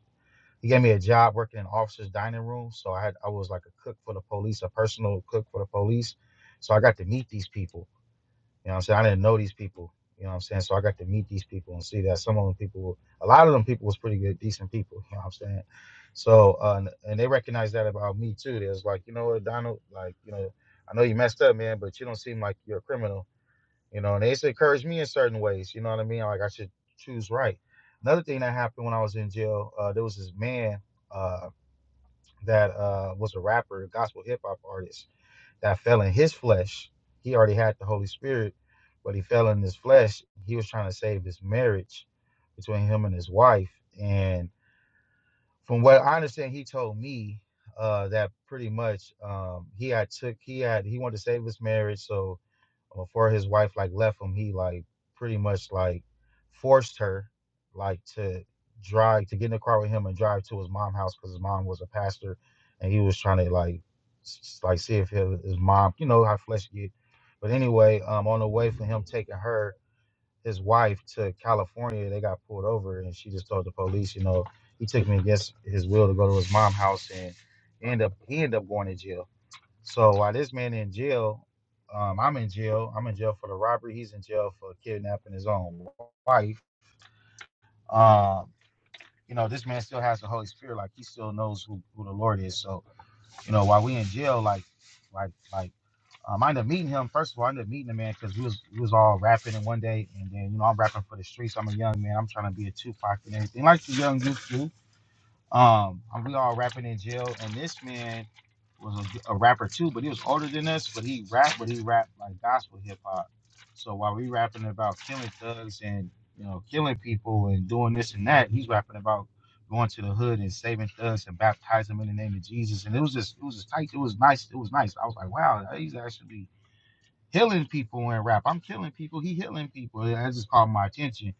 S6: He gave me a job working in officers' dining room. So I had. I was like a cook for the police, a personal cook for the police. So I got to meet these people. You know what I'm saying? I didn't know these people. You know what I'm saying? So I got to meet these people and see that some of them people, were- a lot of them people was pretty good, decent people. You know what I'm saying? So uh, and and they recognized that about me too. They was like, you know what, Donald, like you know, I know you messed up, man, but you don't seem like you're a criminal. You know, and they used to encourage me in certain ways. You know what I mean? Like I should choose right. Another thing that happened when I was in jail, uh, there was this man uh, that uh, was a rapper, a gospel hip hop artist, that fell in his flesh. He already had the Holy Spirit, but he fell in his flesh. He was trying to save his marriage between him and his wife. And from what I understand, he told me uh, that pretty much um, he had took he had he wanted to save his marriage, so before his wife like left him, he like pretty much like forced her like to drive to get in the car with him and drive to his mom's house because his mom was a pastor, and he was trying to like s- like see if his, his mom, you know how flesh get. But anyway, um, on the way for him taking her his wife to California, they got pulled over, and she just told the police, you know, he took me against his will to go to his mom's house and end up he ended up going to jail so while this man in jail, um, I'm in jail. I'm in jail for the robbery. He's in jail for kidnapping his own wife. Um, you know, this man still has the Holy Spirit. Like he still knows who, who the Lord is. So you know, while we in jail, like, like, like, um, I ended up meeting him. First of all, I ended up meeting the man because we was we was all rapping in one day, and then you know I'm rapping for the streets. I'm a young man. I'm trying to be a Tupac and everything, like the young youth do. Um, and we all rapping in jail, and this man was a, a rapper too, but he was older than us. But he rapped, but he rapped like gospel hip hop. So while we rapping about killing thugs and you know killing people and doing this and that, he's rapping about going to the hood and saving thugs and baptizing them in the name of Jesus. And it was just, it was just tight. It was nice. It was nice. I was like, wow, he's actually healing people in rap. I'm killing people. He healing people. And that just caught my attention.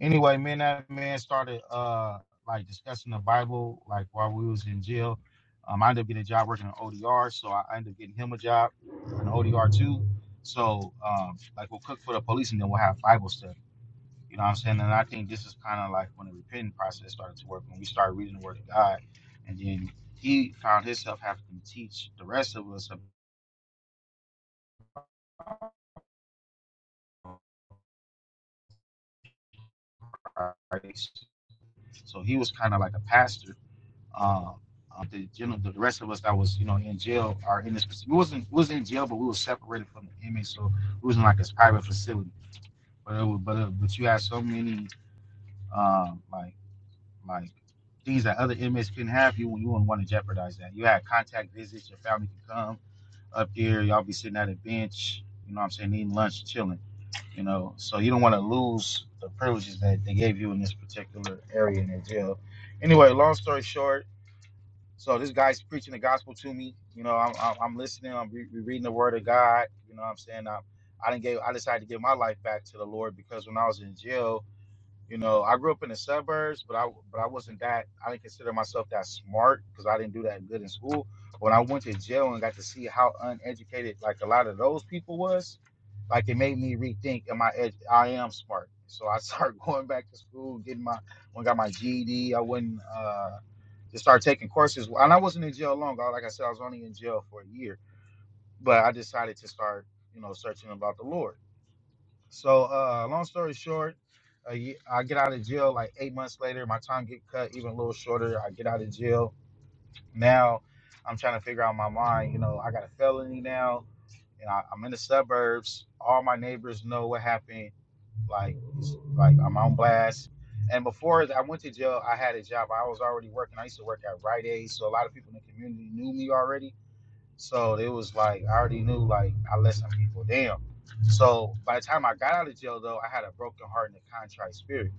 S6: Anyway, man, that man started uh like discussing the Bible like while we was in jail. Um, I ended up getting a job working on ODR, so I I ended up getting him a job on ODR too. So um, like we'll cook for the police and then we'll have Bible study. You know what I'm saying? And I think this is kind of like when the repenting process started to work when we started reading the Word of God, and then he found himself having to teach the rest of us about So he was kind of like a pastor. Um, uh, the you know the rest of us that was you know in jail are in this. We wasn't we was in jail, but we were separated from the inmates, so we was in like this private facility. But it was, but uh, but you had so many um, like like things that other inmates couldn't have. You you wouldn't want to jeopardize that. You had contact visits. Your family could come up there. Y'all be sitting at a bench. You know what I'm saying? Eating lunch, chilling. You know, so you don't want to lose the privileges that they gave you in this particular area in their jail. Anyway, long story short so this guy's preaching the gospel to me. You know, I'm I'm, I'm listening. I'm re- reading the Word of God. You know, what I'm saying I, I didn't give. I decided to give my life back to the Lord because when I was in jail, you know, I grew up in the suburbs, but I but I wasn't that. I didn't consider myself that smart because I didn't do that good in school. When I went to jail and got to see how uneducated like a lot of those people was, like it made me rethink. Am I ed- I am smart? So I started going back to school, getting my when I got my GED. I wouldn't to start taking courses. Well, And I wasn't in jail long. Like I said, I was only in jail for a year, but I decided to start, you know, searching about the Lord. So, uh, long story short, a ye- I get out of jail like eight months later. My time get cut even a little shorter. I get out of jail. Now, I'm trying to figure out my mind. You know, I got a felony now, and I, I'm in the suburbs. All my neighbors know what happened like like I'm on blast. And before I went to jail, I had a job. I was already working. I used to work at Rite Aid, so a lot of people in the community knew me already. So it was like I already knew like I let some people down. So by the time I got out of jail, though, I had a broken heart and a contrite spirit,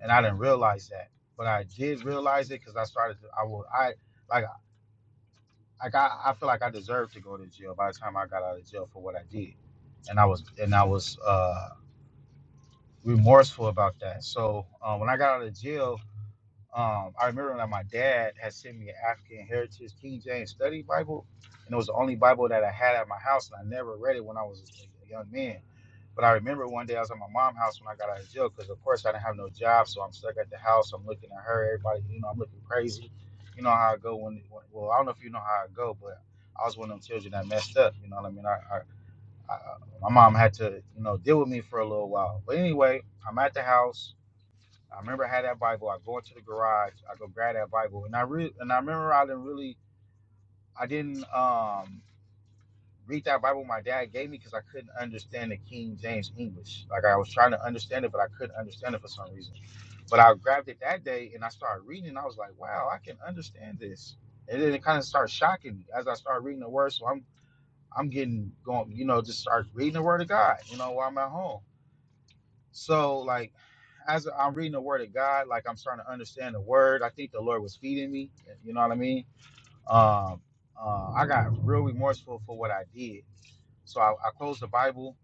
S6: and I didn't realize that. But I did realize it because I started. to- I will. I like. Like I, I feel like I deserved to go to jail by the time I got out of jail for what I did, and I was and I was uh remorseful about that. So uh, when I got out of jail, um, I remember that my dad had sent me an African Heritage King James Study Bible, and it was the only Bible that I had at my house, and I never read it when I was a young man. But I remember one day I was at my mom's house when I got out of jail, because of course I didn't have no job, so I'm stuck at the house. I'm looking at her, everybody, you know, I'm looking crazy. You know how I go when, when well, I don't know if you know how I go, but I was one of them children that messed up. You know what I mean? I. I I, my mom had to, you know, deal with me for a little while. But anyway, I'm at the house. I remember I had that Bible. I go into the garage. I go grab that Bible, and I re- and I remember I didn't really, I didn't um, read that Bible my dad gave me because I couldn't understand the King James English. Like I was trying to understand it, but I couldn't understand it for some reason. But I grabbed it that day and I started reading. And I was like, wow, I can understand this. And then it kind of started shocking me as I started reading the word. So I'm I'm getting going, you know, just start reading the word of God, you know, while I'm at home. So like as I'm reading the word of God, like I'm starting to understand the word. I think the Lord was feeding me. eh, You know what I mean? Um, uh, I got real remorseful for what I did. So I, I closed the Bible.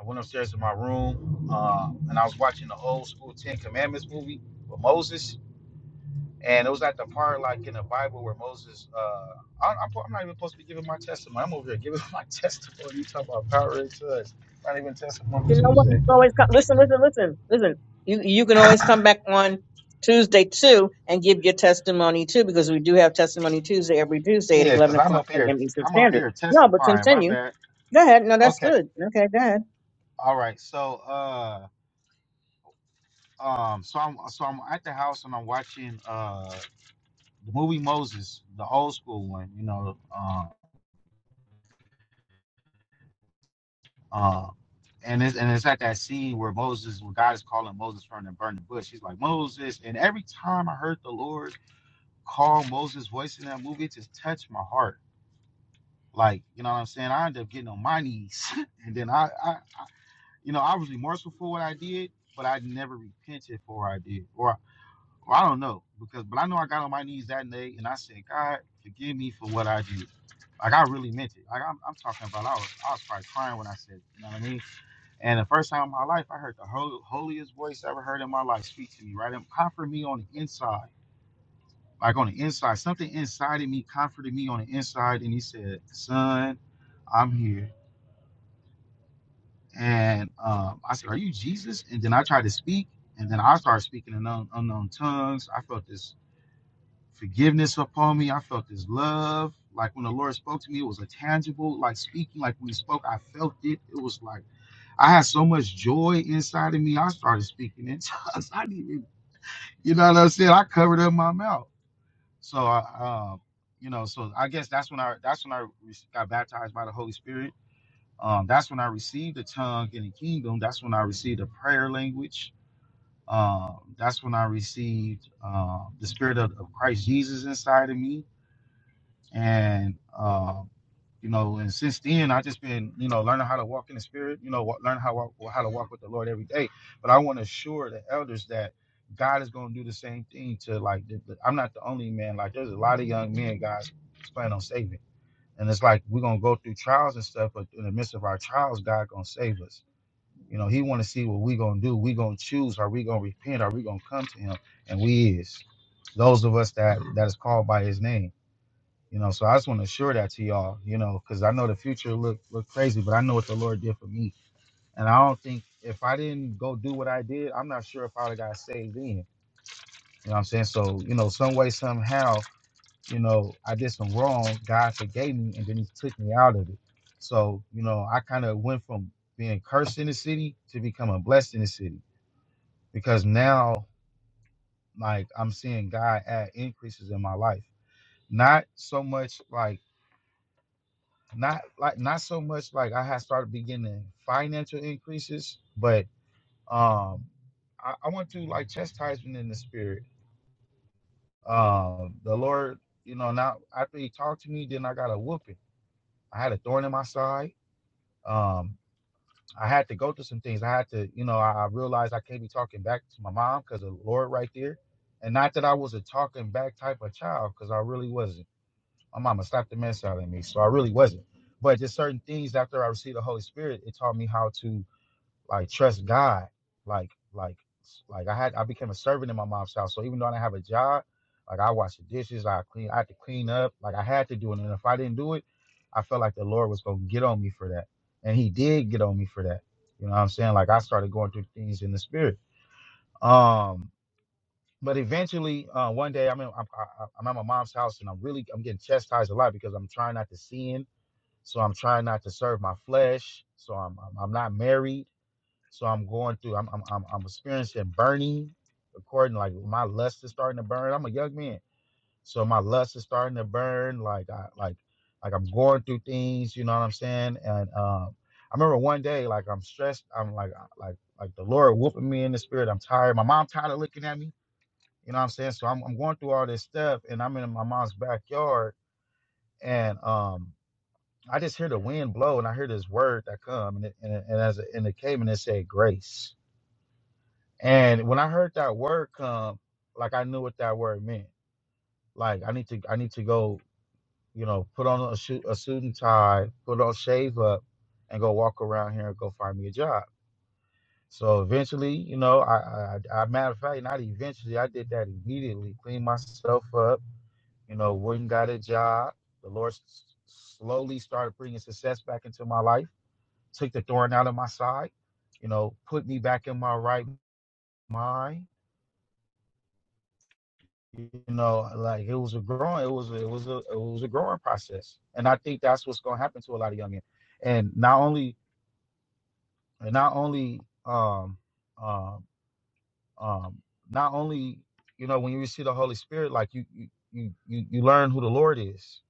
S6: I went upstairs to my room, um, and I was watching the old school Ten Commandments movie with Moses. And it was at the part like in the Bible where Moses, uh, I, I'm, I'm not even supposed to be giving my testimony. I'm over here giving my testimony. You talk about power and touch. Not even testimony
S1: You know what?
S6: Tuesday.
S1: You can always come. Listen, listen, listen, listen. You you can always come back on Tuesday too and give your testimony too, because we do have testimony Tuesday every Tuesday at
S6: Yeah, because
S1: eleven
S6: I'm
S1: o'clock
S6: up here.
S1: p.m. Eastern
S6: I'm over
S1: Standard.
S6: here
S1: No, but
S6: testifying. My
S1: continue.
S6: bad.
S1: Go ahead. No, that's
S6: Okay.
S1: good. Okay, go ahead.
S6: All right. So, uh, um, so I'm so I'm at the house and I'm watching uh the movie Moses, the old school one. You know, uh, uh, and it's and it's at that scene where Moses, where God is calling Moses from the burning bush. He's like Moses, and every time I heard the Lord call Moses' voice in that movie, it just touched my heart. Like, you know what I'm saying? I end up getting on my knees, and then I I, you know, I was remorseful for what I did, but I never repented for what I did, or, or I don't know, because but I know I got on my knees that day and I said, God, forgive me for what I did. Like I really meant it. Like I'm, I'm talking about, I was, I was probably crying when I said, it, you know what I mean? And the first time in my life, I heard the hol- holiest voice I ever heard in my life speak to me, right? And comfort me on the inside, like on the inside. Something inside of me comforted me on the inside. And he said, Son, I'm here. And um, I said, Are you Jesus? And then I tried to speak. And then I started speaking in un- unknown tongues. I felt this forgiveness upon me. I felt this love. Like when the Lord spoke to me, it was a tangible, like speaking, like when He spoke, I felt it. It was like I had so much joy inside of me. I started speaking in tongues. I didn't even, you know what I'm saying? I covered up my mouth. So I, um, you know, so I guess that's when I that's when I re- got baptized by the Holy Spirit um, that's when I received the tongue in the kingdom. That's when I received a prayer language. Um, that's when I received uh, the spirit of, of Christ Jesus inside of me. And, uh, you know, and since then, i just been, you know, learning how to walk in the spirit, you know, wa- learn how, wa- how to walk with the Lord every day. But I want to assure the elders that God is going to do the same thing to like, the, the- I'm not the only man. Like, there's a lot of young men God's planning on saving. And it's like we're gonna go through trials and stuff, but in the midst of our trials, God gonna save us you know, he want to see what we gonna do. We gonna choose. Are we gonna repent? Are we gonna come to him? And we is those of us that that is called by his name. You know, so I just want to assure that to y'all. You know, because I know the future look look crazy, but I know what the Lord did for me. And I don't think if I didn't go do what I did, I'm not sure if I would have got saved then. You know what I'm saying? So you know, some way somehow, you know, I did some wrong. God forgave me, and then He took me out of it. So you know, I kind of went from being cursed in the city to becoming blessed in the city because now like I'm seeing God add increases in my life. Not so much like not like not so much like I had started beginning financial increases, but um I, I went through like chastisement in the spirit. Um the Lord, you know, now after he talked to me, then I got a whooping. I had a thorn in my side. Um I had to go through some things. I had to, you know, I, I realized I can't be talking back to my mom because of the Lord right there. And not that I was a talking back type of child, because I really wasn't. My mama slapped the mess out of me, so I really wasn't. But just certain things after I received the Holy Spirit, it taught me how to like trust God. Like like like I had I became a servant in my mom's house. So even though I didn't have a job, like I washed the dishes, I clean, I had to clean up. Like I had to do it. And if I didn't do it, I felt like the Lord was gonna get on me for that. And he did get on me for that. You know what I'm saying? Like I started going through things in the spirit. Um but eventually, uh, one day I'm, in, I'm I- I- am at my mom's house and I'm really I'm getting chastised a lot because I'm trying not to sin, so I'm trying not to serve my flesh, so I'm I'm, I'm not married, so I'm going through. I'm I'm I'm, I'm experiencing burning, according like my lust is starting to burn. I'm a young man, so my lust is starting to burn. Like I like like I'm going through things. You know what I'm saying? And um, I remember one day like I'm stressed. I'm like like like the Lord whooping me in the spirit. I'm tired. My mom tired of looking at me. You know what I'm saying? So I'm I'm going through all this stuff, and I'm in my mom's backyard, and um. I just hear the wind blow, and I hear this word that come, and it, and, it, and as it, and it came, and it said grace and when I heard that word come, like I knew what that word meant. Like I need to, I need to go, you know, put on a suit, a suit and tie, put on shave up, and go walk around here and go find me a job. So eventually, you know, I, I, I matter of fact, not eventually, I did that immediately. Cleaned myself up, you know, went and got a job. The Lord s- slowly started bringing success back into my life. Took the thorn out of my side, you know, put me back in my right mind you know like it was a growing it was a, it was a it was a growing process and i think that's what's going to happen to a lot of young men and not only and not only um um um not only you know when you receive the holy spirit like you you you you you learn who the lord is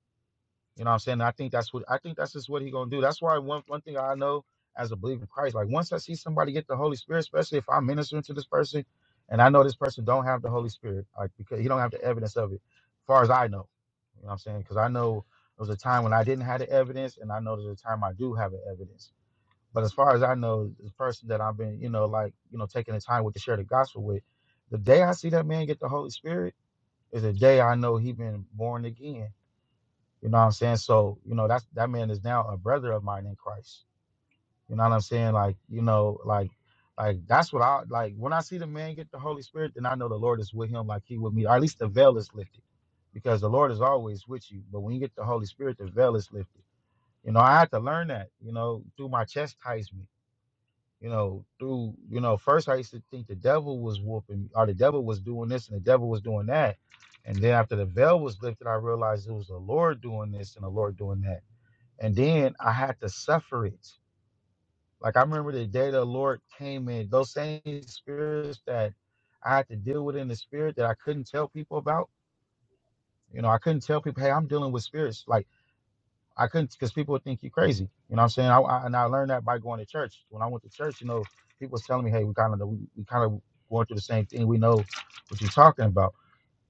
S6: you know what I'm saying? I think that's what I think that's just what he gonna do. That's why one one thing I know as a believer in Christ, like once I see somebody get the Holy Spirit, especially if I'm ministering to this person, and I know this person don't have the Holy Spirit, like because he don't have the evidence of it, as far as I know. You know what I'm saying? Because I know there was a time when I didn't have the evidence, and I know there's a time I do have the evidence. But as far as I know, the person that I've been, you know, like you know, taking the time with to share the gospel with, the day I see that man get the Holy Spirit is the day I know he been born again you know what I'm saying? So, you know, that's that man is now a brother of mine in Christ. You know what I'm saying? Like, you know, like like that's what I like when I see the man get the Holy Spirit, then I know the Lord is with him like he with me, or at least the veil is lifted. Because the Lord is always with you. But when you get the Holy Spirit, the veil is lifted. You know, I had to learn that, you know, through my chastisement. You know, through, you know, first I used to think the devil was whooping me, or the devil was doing this and the devil was doing that. And then after the veil was lifted, I realized it was the Lord doing this and the Lord doing that and then I had to suffer it. Like I remember the day the Lord came in, those same spirits that I had to deal with in the spirit that I couldn't tell people about. You know, I couldn't tell people, hey, I'm dealing with spirits. Like I couldn't, because people would think you crazy. You know what I'm saying? I, I, and I learned that by going to church. When I went to church, you know, people was telling me, hey, we kind of we, we kind of going through the same thing. We know what you're talking about.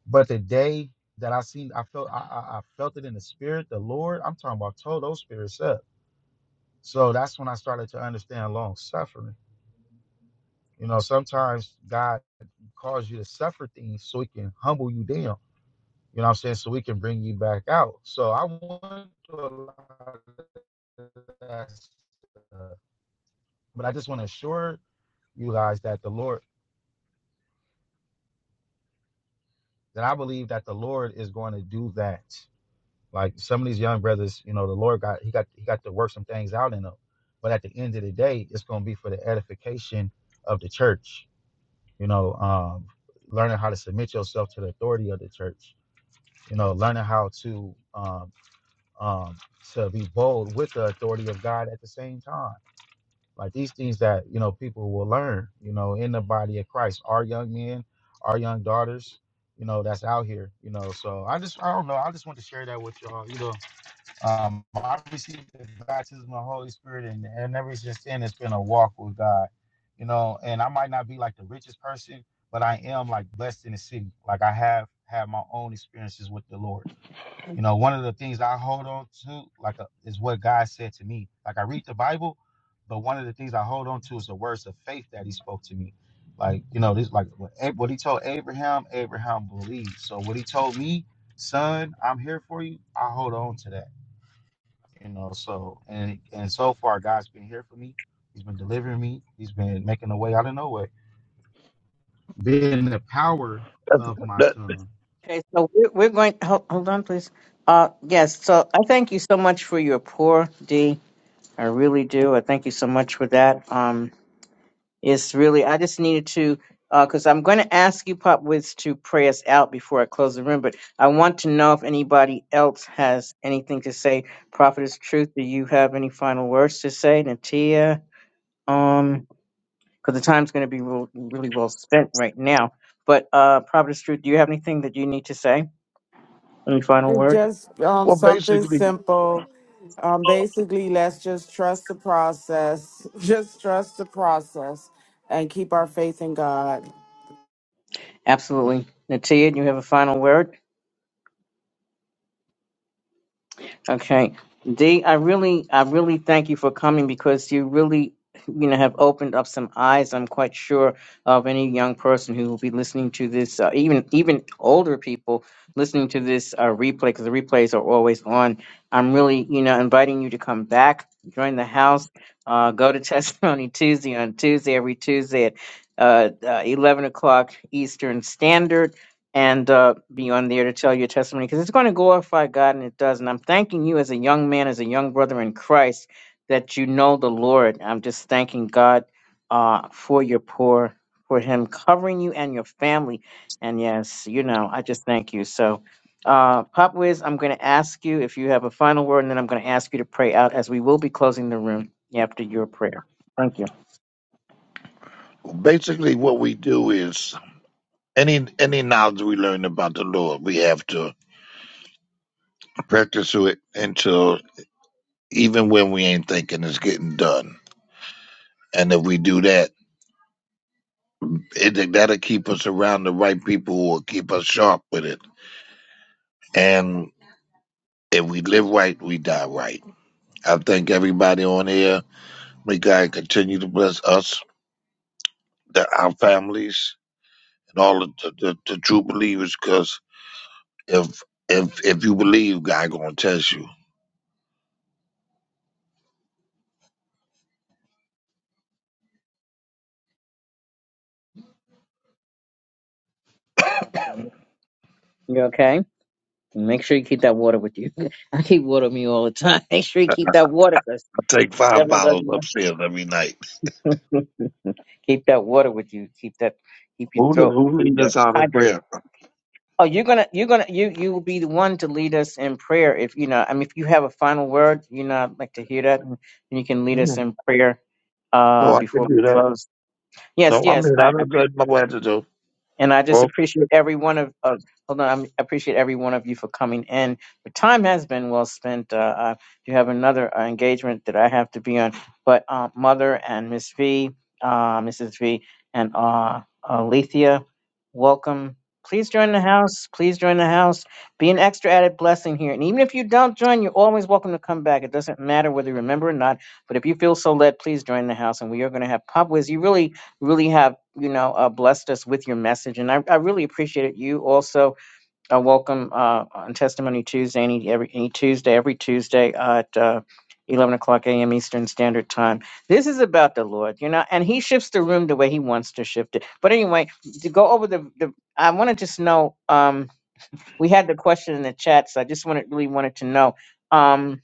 S6: But the day that I seen, I felt I, I I felt it in the spirit. The Lord, I'm talking about, told those spirits up. So that's when I started to understand long suffering. You know, sometimes God calls you to suffer things so he can humble you down. You know what I'm saying? So we can bring you back out. So I want to allow that, uh, but I just want to assure you guys that the Lord, that I believe that the Lord is going to do that. Like some of these young brothers, you know, the Lord got he got he got to work some things out in them. But at the end of the day, it's going to be for the edification of the church you know, um, learning how to submit yourself to the authority of the church, you know, learning how to um, um, to be bold with the authority of God at the same time. Like these things that you know people will learn, you know, in the body of Christ, our young men, our young daughters, you know, that's out here, you know. So I just I don't know, I just want to share that with y'all, you know. Um, I received the baptism of the Holy Spirit, and, and ever since then, it's been a walk with God, you know. And I might not be like the richest person, but I am like blessed in the city. Like I have had my own experiences with the Lord. You know, one of the things I hold on to, like, uh, is what God said to me. Like I read the Bible, but one of the things I hold on to is the words of faith that He spoke to me. Like you know, this like what Ab- what He told Abraham, Abraham believed. So what He told me, son, I'm here for you. I hold on to that you know so and and so far god's been here for me he's been delivering me he's been making a way out of no way. being the power
S5: That's,
S6: of my
S5: that,
S6: tongue
S1: Okay, so we're, we're going. Hold, hold on, please. Uh, yes. So I thank you so much for your pour, D. I really do. I thank you so much for that. Um, It's really, I just needed to, because I'm going to ask you, Pop Wiz, to pray us out before I close the room, but I want to know if anybody else has anything to say. Prophetess truth. Do you have any final words to say, Natia? Um, because the time's going to be real, really well spent right now. But uh, Prophet truth. Do you have anything that you need to say? Any final word?
S2: Just um,
S5: well,
S2: something
S5: basically,
S2: simple. Um, basically, let's just trust the process. Just trust the process and keep our faith in God.
S1: Absolutely, Natia. Do you have a final word? Okay. D, I really, I really thank you for coming because you really, you know, have opened up some eyes. I'm quite sure of any young person who will be listening to this, uh, even even older people listening to this uh, replay because the replays are always on. I'm really, you know, inviting you to come back, join the house, uh, go to Testimony Tuesday on Tuesday every Tuesday at uh, uh, 11 o'clock Eastern Standard and uh, be on there to tell your testimony because it's going to glorify God and it does. And I'm thanking you as a young man, as a young brother in Christ, that you know the Lord. I'm just thanking God uh, for your poor, for Him covering you and your family. And yes, you know, I just thank you. So, uh, Pop Wiz, I'm going to ask you if you have a final word, and then I'm going to ask you to pray out as we will be closing the room after your prayer. Thank you.
S5: basically, what we do is any any knowledge we learn about the Lord, we have to practice it until even when we ain't thinking it's getting done. And if we do that, it that'll keep us around the right people who will keep us sharp with it. And if we live right, we die right. I thank everybody on here. May God continue to bless us, the, our families, and all of the, the, the true believers. Because if if if you believe, God gonna test you.
S1: Absolutely. You okay? Make sure you keep that water with you. I keep water with me all the time. Make sure you
S5: I I
S1: keep that water, cause
S5: take five
S1: devil
S5: bottles
S1: doesn't
S5: upstairs every night.
S1: want. keep that water with you. Keep that. Keep your
S5: Who did,
S1: throat
S5: who
S1: you
S5: lead
S1: know,
S5: us out in
S1: hydrated.
S5: prayer?
S1: Oh, you're gonna, you're gonna, you you will be the one to lead us in prayer. If you know, I mean, if you have a final word, you know, I'd like to hear that, and you can lead us
S5: Mm,
S1: in prayer uh
S5: So I can
S1: before we
S5: do that.
S1: close. Yes,
S5: No, I
S1: yes,
S5: mean
S1: I,
S5: I
S1: I
S5: don't
S1: appreciate.
S5: take my wife to do.
S1: And I just
S5: Oh,
S1: appreciate every one of, of hold on, I'm- I appreciate every one of you for coming in. The time has been well spent. Uh, uh, you have another uh, engagement that I have to be on, but uh, Mother and Miss V, uh, Mrs. V, and uh, Alethea, welcome. Please join the house. Please join the house. Be an extra added blessing here. And even if you don't join, you're always welcome to come back. It doesn't matter whether you remember or not. But if you feel so led, please join the house. And we are going to have pop. Wiz. You really really have you know uh, blessed us with your message and i, I really appreciate it you also uh, welcome uh, on testimony tuesday any, every any tuesday every tuesday at uh, 11 o'clock a.m eastern standard time this is about the lord you know and he shifts the room the way he wants to shift it but anyway to go over the, the i want to just know um, we had the question in the chat so i just wanted really wanted to know Um,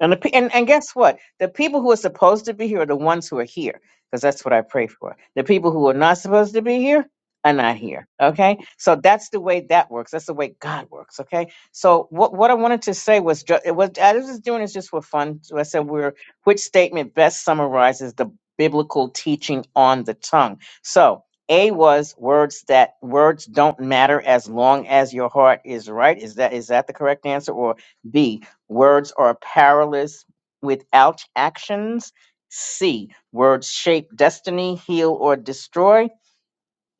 S1: and, the, pe- and and guess what? The people who are supposed to be here are the ones who are here, because that's what I pray for. The people who are not supposed to be here are not here. Okay, so that's the way that works. That's the way God works. Okay, so what what I wanted to say was ju- it was I was just doing this just for fun. So I said we're which statement best summarizes the biblical teaching on the tongue. So. A was words that words don't matter as long as your heart is right. Is that is that the correct answer? Or B, Words are powerless without actions. C. Words shape destiny, heal, or destroy.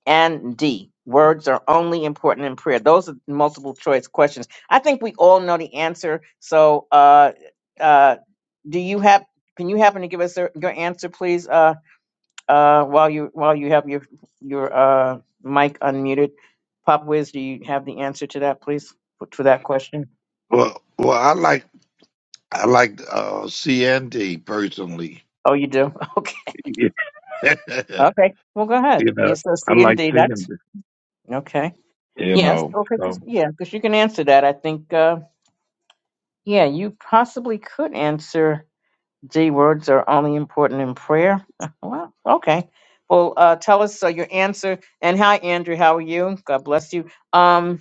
S1: And D. Words are only important in prayer. Those are multiple choice questions. I think we all know the answer. So, uh, uh, do you have? Can you happen to give us your your answer, please? Uh, uh, while you while you have your your uh, mic unmuted, Pop Wiz, do you have the answer to that, please, for- to that question?
S5: well, well, I like I like uh, CND personally.
S1: Oh, you do. Okay.
S5: you
S1: Okay. Well, go ahead.
S5: know,
S1: Yes, that's
S5: I
S1: the
S5: like
S1: indeed.
S5: CND.
S1: That's okay.
S5: you
S1: Yes.
S5: know.
S1: Okay. just-
S5: So,
S1: Yeah, because you can answer that. I think. Uh, yeah, you possibly could answer. D words are only important in prayer. well, okay. Well, uh, tell us uh, your answer. And hi, Andrew. How are you? God bless you. Um,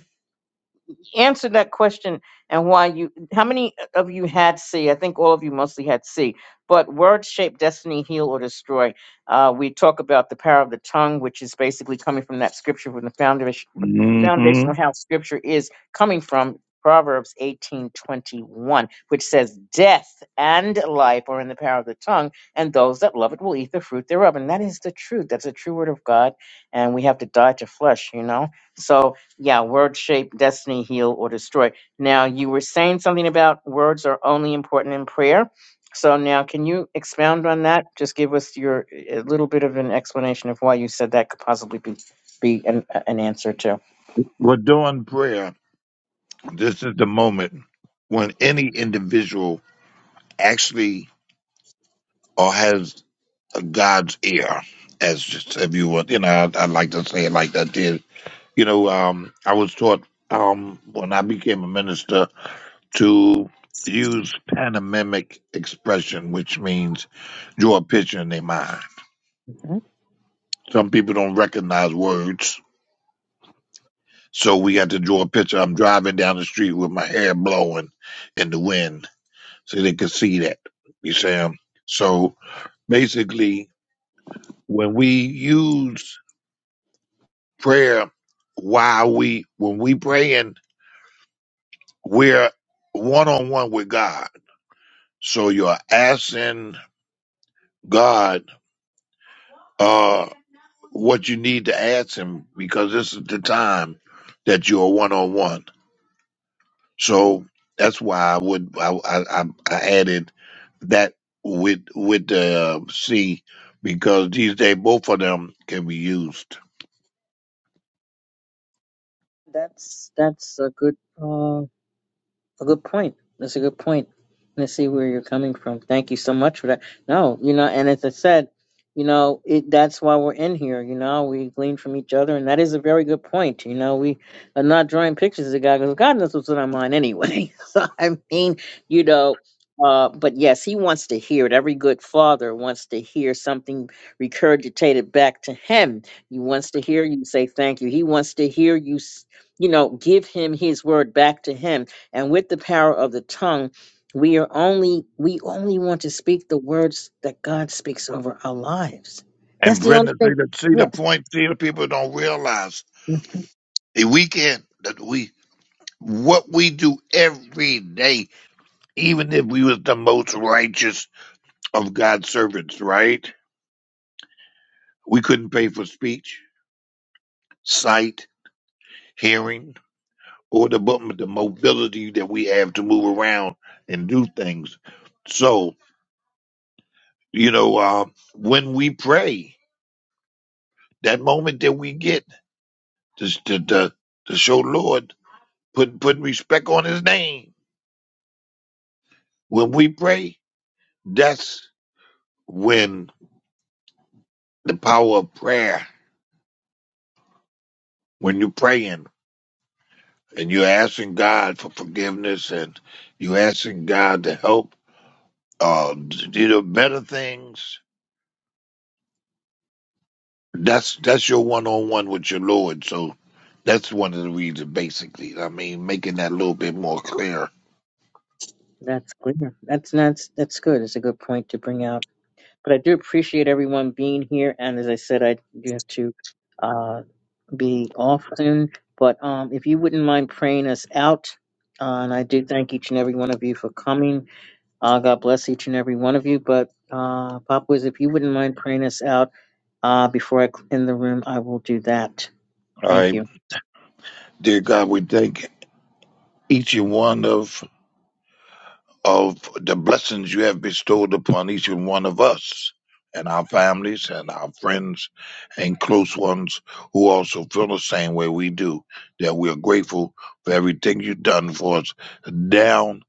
S1: answer that question and why you how many of you had c i think all of you mostly had c but words shape destiny heal or destroy uh, we talk about the power of the tongue which is basically coming from that scripture from the foundation
S5: hmm
S1: foundational how scripture is coming from proverbs 18.21 which says death and life are in the power of the tongue and those that love it will eat the fruit thereof and that is the truth that's a true word of god and we have to die to flesh you know so yeah, word shape, destiny, heal, or destroy. Now, you were saying something about words are only important in prayer. So, now can you expound on that? Just give us your a little bit of an explanation of why you said that could possibly be, be an, an answer to.
S5: we're doing prayer. This is the moment when any individual actually or has a God's ear, as just if you would, you know, I, I like to say it like that. Did you know? Um, I was taught um when I became a minister to use panamimic expression, which means draw a picture in their mind.
S1: Mhm.
S5: Some people don't recognize words, So we got to draw a picture. I'm driving down the street with my hair blowing in the wind so they could see that. You see 'em? So basically, when we use prayer while we, when we praying, we're one on one with God. So you're asking God, uh, what you need to ask him because this is the time that you are one on one. So that's why I would I I, I I added that with with the uh, C because these days both of them can be used.
S1: That's that's a good. uh, A good point. That's a good point. Let's see where you're coming from. Thank you so much for that. No, you know, and as I said, you know, it, that's why we're in here. You know, we glean from each other, and that is a very good point. You know, we are not drawing pictures of the guy because God knows what's on our mind anyway. so I mean, you know, uh, but yes, he wants to hear it. Every good father wants to hear something regurgitated back to him. He wants to hear you say thank you. He wants to hear you, s- you know, give him his word back to him and with the power of the tongue we are only we only want to speak the words that god speaks over our lives that's
S5: And
S1: the only
S5: Brenda, see
S1: thing
S5: the see the
S1: yes
S5: point. See the people don't realize
S1: Mhm.
S5: the weekend that we what we do every day. Even if we was the most righteous of God's servants, right? We couldn't pay for speech, sight, hearing. or the mo- the mobility that we have to move around and do things. So you know, uh, when we pray, that moment that we get to to to, to show Lord put put respect on His name. When we pray, that's when the power of prayer. When you're praying and you're asking God for forgiveness and you're asking God to help, uh, you know, better things That's that's your one on one with your Lord. So that's one of the reasons, basically. I mean, making that a little bit more clear.
S1: that's clear that's that's that's good it's a good point to bring out but i do appreciate everyone being here and as i said i do have to uh be off soon but um if you wouldn't mind praying us out uh, and i do thank each and every one of you for coming Uh, God bless each and every one of you. But uh, Pop Wiz, if you wouldn't mind praying us out uh, before I end the room, I will do that.
S5: All
S1: Thank
S5: right,
S1: you.
S5: dear God, we thank each and one of of the blessings you have bestowed upon each and one of us and our families and our friends and close ones who also feel the same way we do. That we are grateful for everything you've done for us, down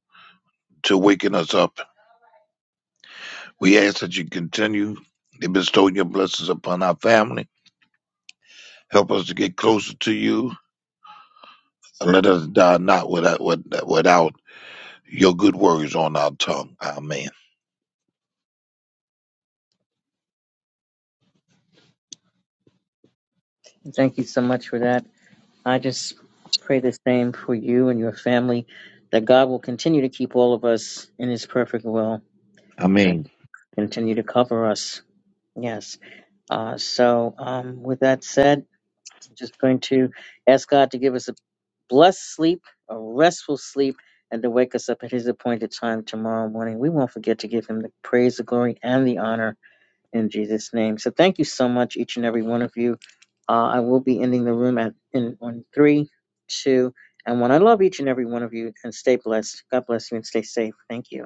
S5: to waking us up We ask that you continue to bestow your blessings upon our family. Help us to get closer to you. And let us die not without, without your good words on our tongue. Amen.
S1: Thank you so much for that. I just pray the same for you and your family that God will continue to keep all of us in His perfect will
S5: Amen.
S1: and continue to cover us. Yes. Uh, so, um, with that said, just going to ask God to give us a blessed sleep, a restful sleep, and to wake us up at His appointed time tomorrow morning. We won't forget to give Him the praise, the glory, and the honor in Jesus' name. So thank you so much, each and every one of you. Uh, I will be ending the room at in on three, two, and one. I love each and every one of you, and stay blessed. God bless you, and stay safe. Thank you.